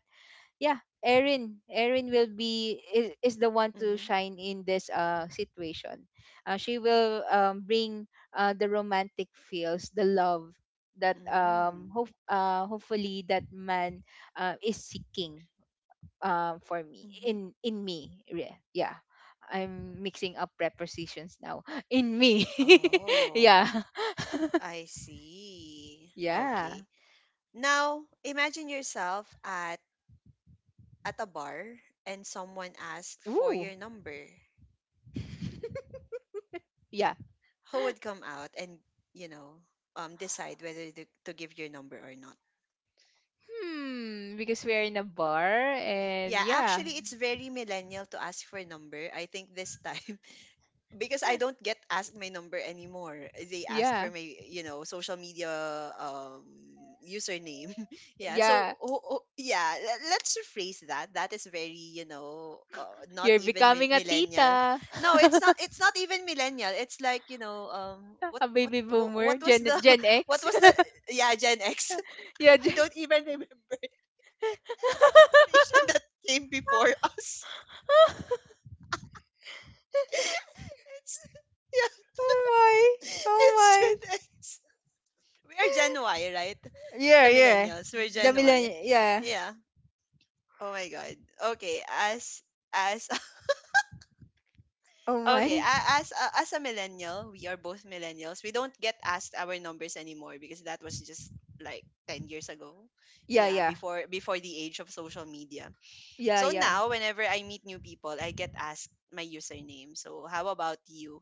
[SPEAKER 2] yeah, Erin will be, is the one to
[SPEAKER 1] Mhm.
[SPEAKER 2] shine in this situation. She will bring the romantic feels, the love, that
[SPEAKER 1] Mm.
[SPEAKER 2] hopefully that man is seeking for me,
[SPEAKER 1] Mm-hmm.
[SPEAKER 2] in me, yeah, yeah. I'm mixing up prepositions now, in me.
[SPEAKER 1] Oh,
[SPEAKER 2] yeah,
[SPEAKER 1] I see.
[SPEAKER 2] yeah.
[SPEAKER 1] Okay. Now, imagine yourself at a bar and someone asked for
[SPEAKER 2] Ooh.
[SPEAKER 1] your number.
[SPEAKER 2] yeah.
[SPEAKER 1] Who would come out and, you know, decide whether to give your number or not?
[SPEAKER 2] Hmm, because we're in a bar, and
[SPEAKER 1] Yeah,
[SPEAKER 2] yeah.
[SPEAKER 1] actually it's very millennial to ask for a number. I think this time because I don't get asked my number anymore. They ask for
[SPEAKER 2] Yeah.
[SPEAKER 1] my, you know, social media um username. Yeah. So
[SPEAKER 2] Yeah.
[SPEAKER 1] oh, oh, yeah, let's rephrase that. That is very, you know, not
[SPEAKER 2] You're
[SPEAKER 1] even
[SPEAKER 2] becoming a
[SPEAKER 1] millennial.
[SPEAKER 2] tita.
[SPEAKER 1] No, it's not even millennial. It's like, you know,
[SPEAKER 2] a baby boomer.
[SPEAKER 1] what was the
[SPEAKER 2] Gen
[SPEAKER 1] what
[SPEAKER 2] X.
[SPEAKER 1] was the yeah, Gen X.
[SPEAKER 2] yeah, Gen.
[SPEAKER 1] I don't even remember the generation that came before us. It's yeah,
[SPEAKER 2] Oh my. Oh
[SPEAKER 1] it's Gen
[SPEAKER 2] my.
[SPEAKER 1] X. We are Gen Y, right?
[SPEAKER 2] Yeah,
[SPEAKER 1] The
[SPEAKER 2] yeah.
[SPEAKER 1] millennials. We're
[SPEAKER 2] The
[SPEAKER 1] Gen Y.
[SPEAKER 2] millennial. Yeah.
[SPEAKER 1] Yeah. Oh my god. Okay, as
[SPEAKER 2] Oh
[SPEAKER 1] okay,
[SPEAKER 2] my.
[SPEAKER 1] as a millennial, we are both millennials. We don't get asked our numbers anymore because that was just like 10 years ago.
[SPEAKER 2] Yeah,
[SPEAKER 1] Yeah,
[SPEAKER 2] yeah.
[SPEAKER 1] before the age of social media.
[SPEAKER 2] Yeah,
[SPEAKER 1] So
[SPEAKER 2] yeah.
[SPEAKER 1] now, whenever I meet new people, I get asked my username. So how about you?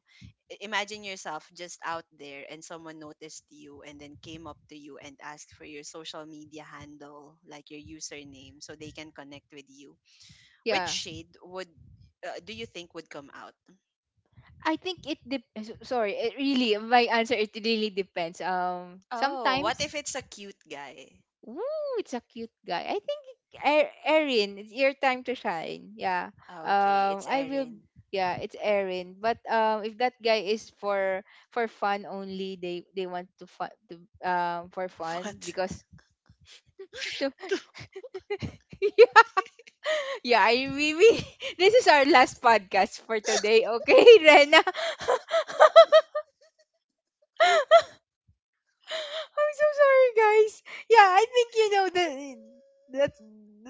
[SPEAKER 1] Imagine yourself just out there and someone noticed you and then came up to you and asked for your social media handle, like your username, so they can connect with you. Which
[SPEAKER 2] Yeah.
[SPEAKER 1] shade would, do you think would come out?
[SPEAKER 2] I think it sorry, it really my answer, it really depends.
[SPEAKER 1] Oh, what if
[SPEAKER 2] Sometimes.
[SPEAKER 1] it's a cute guy?
[SPEAKER 2] Ooh, it's a cute guy. I think, Erin, it's your time to shine. Yeah.
[SPEAKER 1] Oh, okay, it's
[SPEAKER 2] I will.
[SPEAKER 1] Erin.
[SPEAKER 2] Yeah, it's Erin. But if that guy is for fun only, they want to fun to for fun
[SPEAKER 1] What?
[SPEAKER 2] because. to, yeah, yeah. I we, this is our last podcast for today. Okay, Rena. I'm so sorry, guys. Yeah, I think you know the that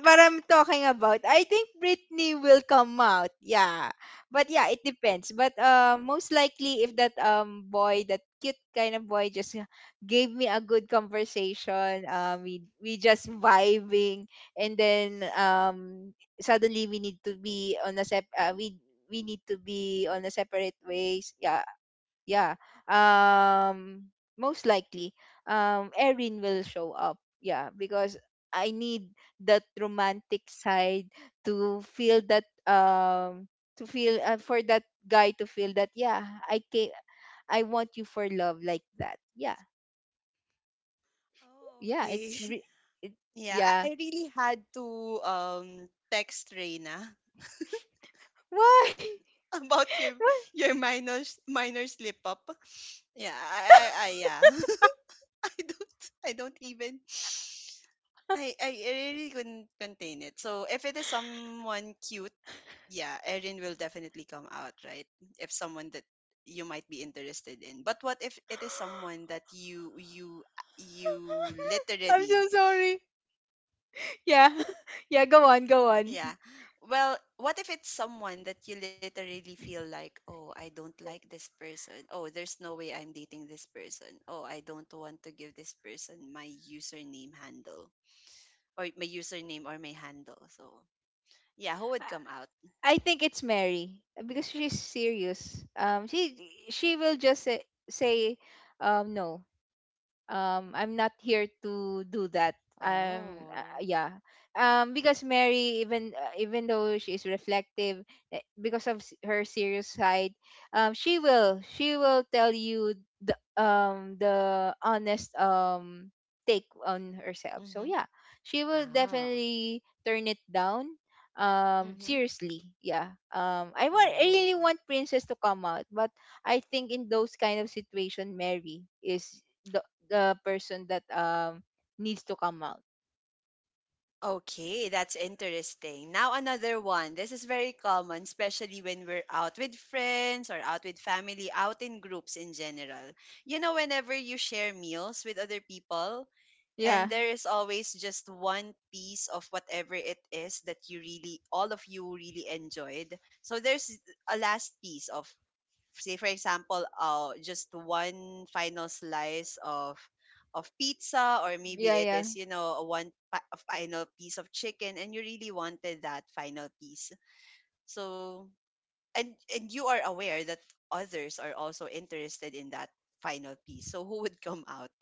[SPEAKER 2] what I'm talking about. I think Britney will come out. Yeah, but yeah, it depends. But most likely, if that boy, that cute kind of boy, just gave me a good conversation. We just vibing, and then suddenly we need to be on a sep. We need to be on a separate ways. Yeah, yeah, um most likely Erin will show up, yeah. Because I need that romantic side, to feel that, to feel, for that guy to feel that, yeah, I can, I want you for love, like that, yeah.
[SPEAKER 1] Oh,
[SPEAKER 2] Yeah,
[SPEAKER 1] okay.
[SPEAKER 2] it,
[SPEAKER 1] Yeah,
[SPEAKER 2] yeah.
[SPEAKER 1] I really had to um text Reina
[SPEAKER 2] Why?
[SPEAKER 1] about your
[SPEAKER 2] why?
[SPEAKER 1] minor minor slip up. Yeah, I yeah. I don't I don't even I really couldn't contain it. So if it is someone cute, yeah, Erin will definitely come out, right? If someone that you might be interested in. But what if it is someone that you
[SPEAKER 2] I'm
[SPEAKER 1] literally...
[SPEAKER 2] so sorry. Yeah, yeah, go on, go on.
[SPEAKER 1] Yeah. Well, what if it's someone that you literally feel like, oh, I don't like this person. Oh, there's no way I'm dating this person. Oh, I don't want to give this person my username handle or my username or my handle. So, yeah, who would come out?
[SPEAKER 2] I think it's Mary because she's serious. She will just say, say no, I'm not here to do that.
[SPEAKER 1] Oh.
[SPEAKER 2] Yeah. Because Mary, even even though she is reflective, because of her serious side, she will tell you the honest take on herself. So
[SPEAKER 1] Mm-hmm.
[SPEAKER 2] yeah, she will
[SPEAKER 1] Ah.
[SPEAKER 2] definitely turn it down
[SPEAKER 1] Mm-hmm.
[SPEAKER 2] seriously, yeah. I want, I
[SPEAKER 1] Oh.
[SPEAKER 2] really want Princess to come out, but I think in those kind of situation, Mary is the person that needs to come out.
[SPEAKER 1] Okay, that's interesting. Now another one. This is very common, especially when we're out with friends or out with family, out in groups in general. You know, whenever you share meals with other people, and
[SPEAKER 2] Yeah.
[SPEAKER 1] there is always just one piece of whatever it is that you really, all of you really enjoyed. So there's a last piece of, say for example, just one final slice of pizza, or
[SPEAKER 2] Yeah,
[SPEAKER 1] maybe it
[SPEAKER 2] yeah.
[SPEAKER 1] is, one a final piece of chicken, and you really wanted that final piece. So and you are aware that others are also interested in that final piece. So who would come out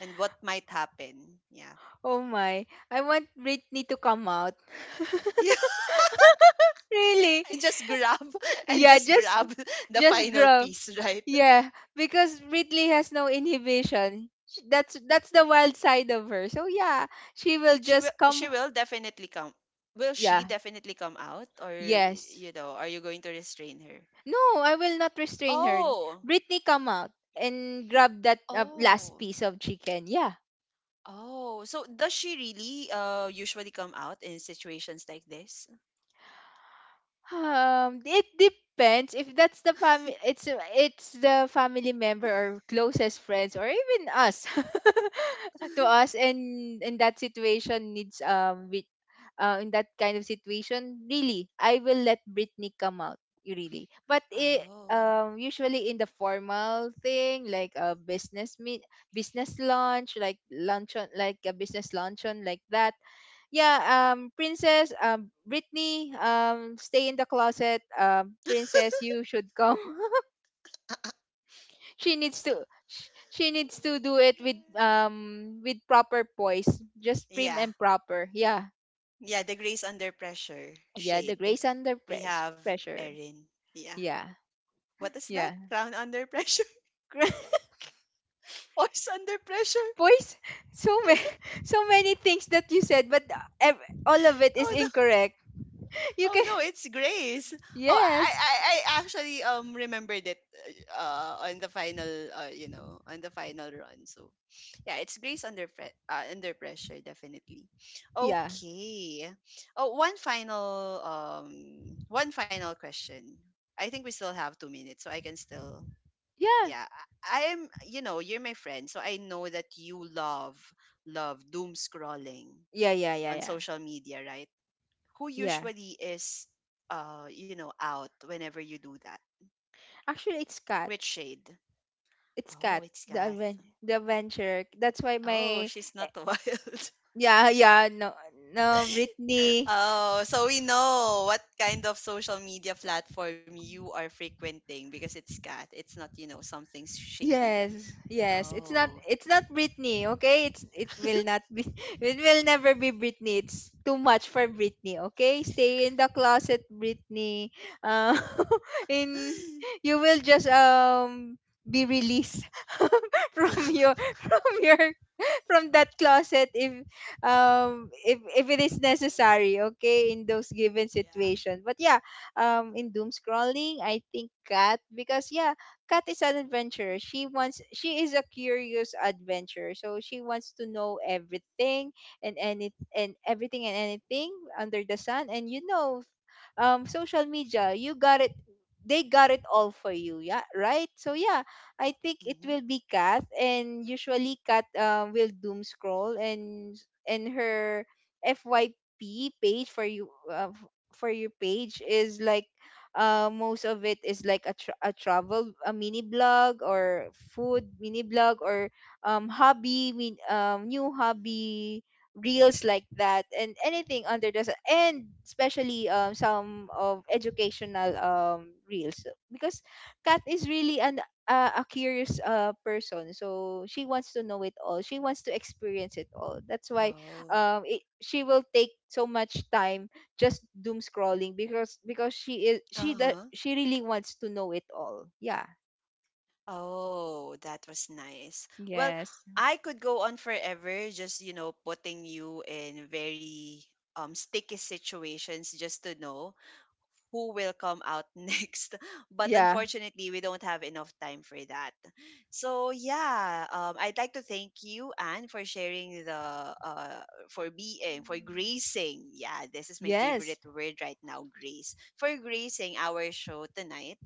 [SPEAKER 1] and what might happen? Yeah.
[SPEAKER 2] Oh my. I want Britney to come out.
[SPEAKER 1] Yeah,
[SPEAKER 2] really?
[SPEAKER 1] and just grab and
[SPEAKER 2] Yeah,
[SPEAKER 1] just grab the
[SPEAKER 2] just
[SPEAKER 1] final
[SPEAKER 2] grow.
[SPEAKER 1] piece, right?
[SPEAKER 2] Yeah, because Ridley has no inhibition. That's the wild side of her. So yeah, she will
[SPEAKER 1] she will
[SPEAKER 2] just
[SPEAKER 1] she
[SPEAKER 2] come.
[SPEAKER 1] will definitely come. Will she
[SPEAKER 2] Yeah.
[SPEAKER 1] definitely come out, or,
[SPEAKER 2] Yes.
[SPEAKER 1] you know, are you going to restrain her?
[SPEAKER 2] No, I will not restrain her.
[SPEAKER 1] Oh.
[SPEAKER 2] Britney, come out and grab that last
[SPEAKER 1] Oh.
[SPEAKER 2] piece of chicken. Yeah.
[SPEAKER 1] Oh, so does she really usually come out in situations like this?
[SPEAKER 2] It depends if that's the family. It's the family member or closest friends, or even us, to us. And in that situation, needs with in that kind of situation, really, I will let Britney come out. You really, but it
[SPEAKER 1] Oh.
[SPEAKER 2] usually, in the formal thing like a business meet business lunch, like luncheon, like a business luncheon like that, yeah. Princess, Britney, stay in the closet. Princess, you should come. she needs to, she
[SPEAKER 1] Oh
[SPEAKER 2] needs to do it
[SPEAKER 1] my god.
[SPEAKER 2] with proper poise, just prim
[SPEAKER 1] Yeah,
[SPEAKER 2] and proper, yeah.
[SPEAKER 1] yeah, the grace under pressure
[SPEAKER 2] Yeah, the
[SPEAKER 1] shade.
[SPEAKER 2] grace under
[SPEAKER 1] We have
[SPEAKER 2] pressure.
[SPEAKER 1] Erin. Yeah.
[SPEAKER 2] Yeah.
[SPEAKER 1] What is that?
[SPEAKER 2] Yeah.
[SPEAKER 1] Crown under pressure? Voice under pressure?
[SPEAKER 2] poise. So many, so many things that you said, but all of it is
[SPEAKER 1] Oh no.
[SPEAKER 2] incorrect. you
[SPEAKER 1] Oh
[SPEAKER 2] can.
[SPEAKER 1] no, it's Grace. Oh, I
[SPEAKER 2] Yes.
[SPEAKER 1] I, I actually remembered it on the final, you know, on the final run. So yeah, it's Grace under under pressure, definitely.
[SPEAKER 2] Yeah,
[SPEAKER 1] Okay. Oh, one final question. I think we still have 2 minutes, so I can still...
[SPEAKER 2] yeah,
[SPEAKER 1] Yeah. I am, you know, you're my friend, so I know that you love doom scrolling
[SPEAKER 2] yeah, yeah, yeah,
[SPEAKER 1] on
[SPEAKER 2] yeah,
[SPEAKER 1] social media, right? Who
[SPEAKER 2] yeah.
[SPEAKER 1] usually is, you know, out whenever you do that?
[SPEAKER 2] Actually, it's Cat.
[SPEAKER 1] Which shade?
[SPEAKER 2] It's
[SPEAKER 1] Oh,
[SPEAKER 2] Cat,
[SPEAKER 1] it's
[SPEAKER 2] the
[SPEAKER 1] Kath.
[SPEAKER 2] adven the adventure. That's why
[SPEAKER 1] Oh,
[SPEAKER 2] my,
[SPEAKER 1] she's
[SPEAKER 2] eh,
[SPEAKER 1] not wild?
[SPEAKER 2] yeah, yeah, no, no Britney.
[SPEAKER 1] Oh, so we know what kind of social media platform you are frequenting, because it's Kath, it's not, you know, something shady.
[SPEAKER 2] Yes, yes. It's not,
[SPEAKER 1] Oh.
[SPEAKER 2] it's not Britney, okay? It's, it will not be, it will never be Britney. It's too much for Britney, okay? Stay in the closet, Britney. Uh, in you will just be released from your from your from that closet if it is necessary, okay, in those given
[SPEAKER 1] Yeah.
[SPEAKER 2] situation. But yeah, in doom scrolling, I think Kat, because yeah, Kat is an adventurer. She wants, she is a curious adventurer, so she wants to know everything, and any and everything and anything under the sun. And you know, social media, you got it, they got it all for you, yeah, right. So yeah, I think it
[SPEAKER 1] Hmm.
[SPEAKER 2] will be Kat, and usually Kat will doom scroll, and her FYP page, for you, for your page, is like, most of it is like a, a travel, a mini blog, or food mini blog, or new hobby reels like that, and anything under the sun, and especially some of educational reels. Because Kat is really an a curious person, so she wants to know it all, she wants to experience it all. That's why
[SPEAKER 1] Oh.
[SPEAKER 2] she will take so much time just doom scrolling, because she is
[SPEAKER 1] Uh-huh.
[SPEAKER 2] she really wants to know it all, yeah.
[SPEAKER 1] Oh, that was nice. Well,
[SPEAKER 2] Yes,
[SPEAKER 1] I could go on forever just, you know, putting you in very sticky situations just to know who will come out next. But
[SPEAKER 2] yeah.
[SPEAKER 1] unfortunately, we don't have enough time for that. So yeah, I'd like to thank you, Anne, for sharing the uh, for being, for
[SPEAKER 2] Mm.
[SPEAKER 1] gracing. Yeah, this is my
[SPEAKER 2] Yes.
[SPEAKER 1] favorite word right now, grace. For gracing our show tonight.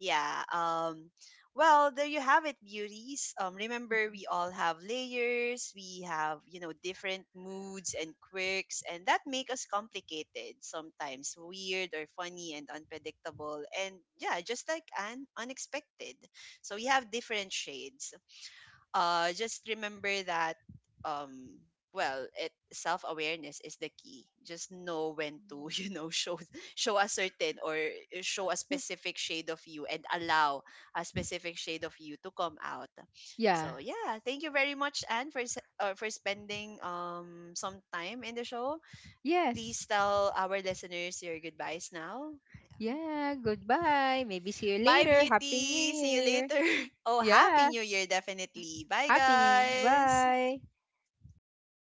[SPEAKER 1] Yeah. Well, there you have it, beauties. Remember, we all have layers. We have, you know, different moods and quirks, and that make us complicated, sometimes weird or funny and unpredictable, and yeah, just like Anne, unexpected. So we have different shades. Just remember that um, well, it self awareness is the key. Just know when to show show a certain or show a specific shade of you, and allow a specific shade of you to come out.
[SPEAKER 2] Yeah.
[SPEAKER 1] So yeah, thank you very much, Anne, for for spending some time in the show.
[SPEAKER 2] Yes.
[SPEAKER 1] Please tell our listeners your goodbyes now.
[SPEAKER 2] Yeah, goodbye, maybe see you
[SPEAKER 1] Bye,
[SPEAKER 2] later, happy new
[SPEAKER 1] beauty. See you
[SPEAKER 2] year.
[SPEAKER 1] later. Oh,
[SPEAKER 2] Yeah,
[SPEAKER 1] happy new year, definitely. Bye,
[SPEAKER 2] happy new year,
[SPEAKER 1] guys.
[SPEAKER 2] bye.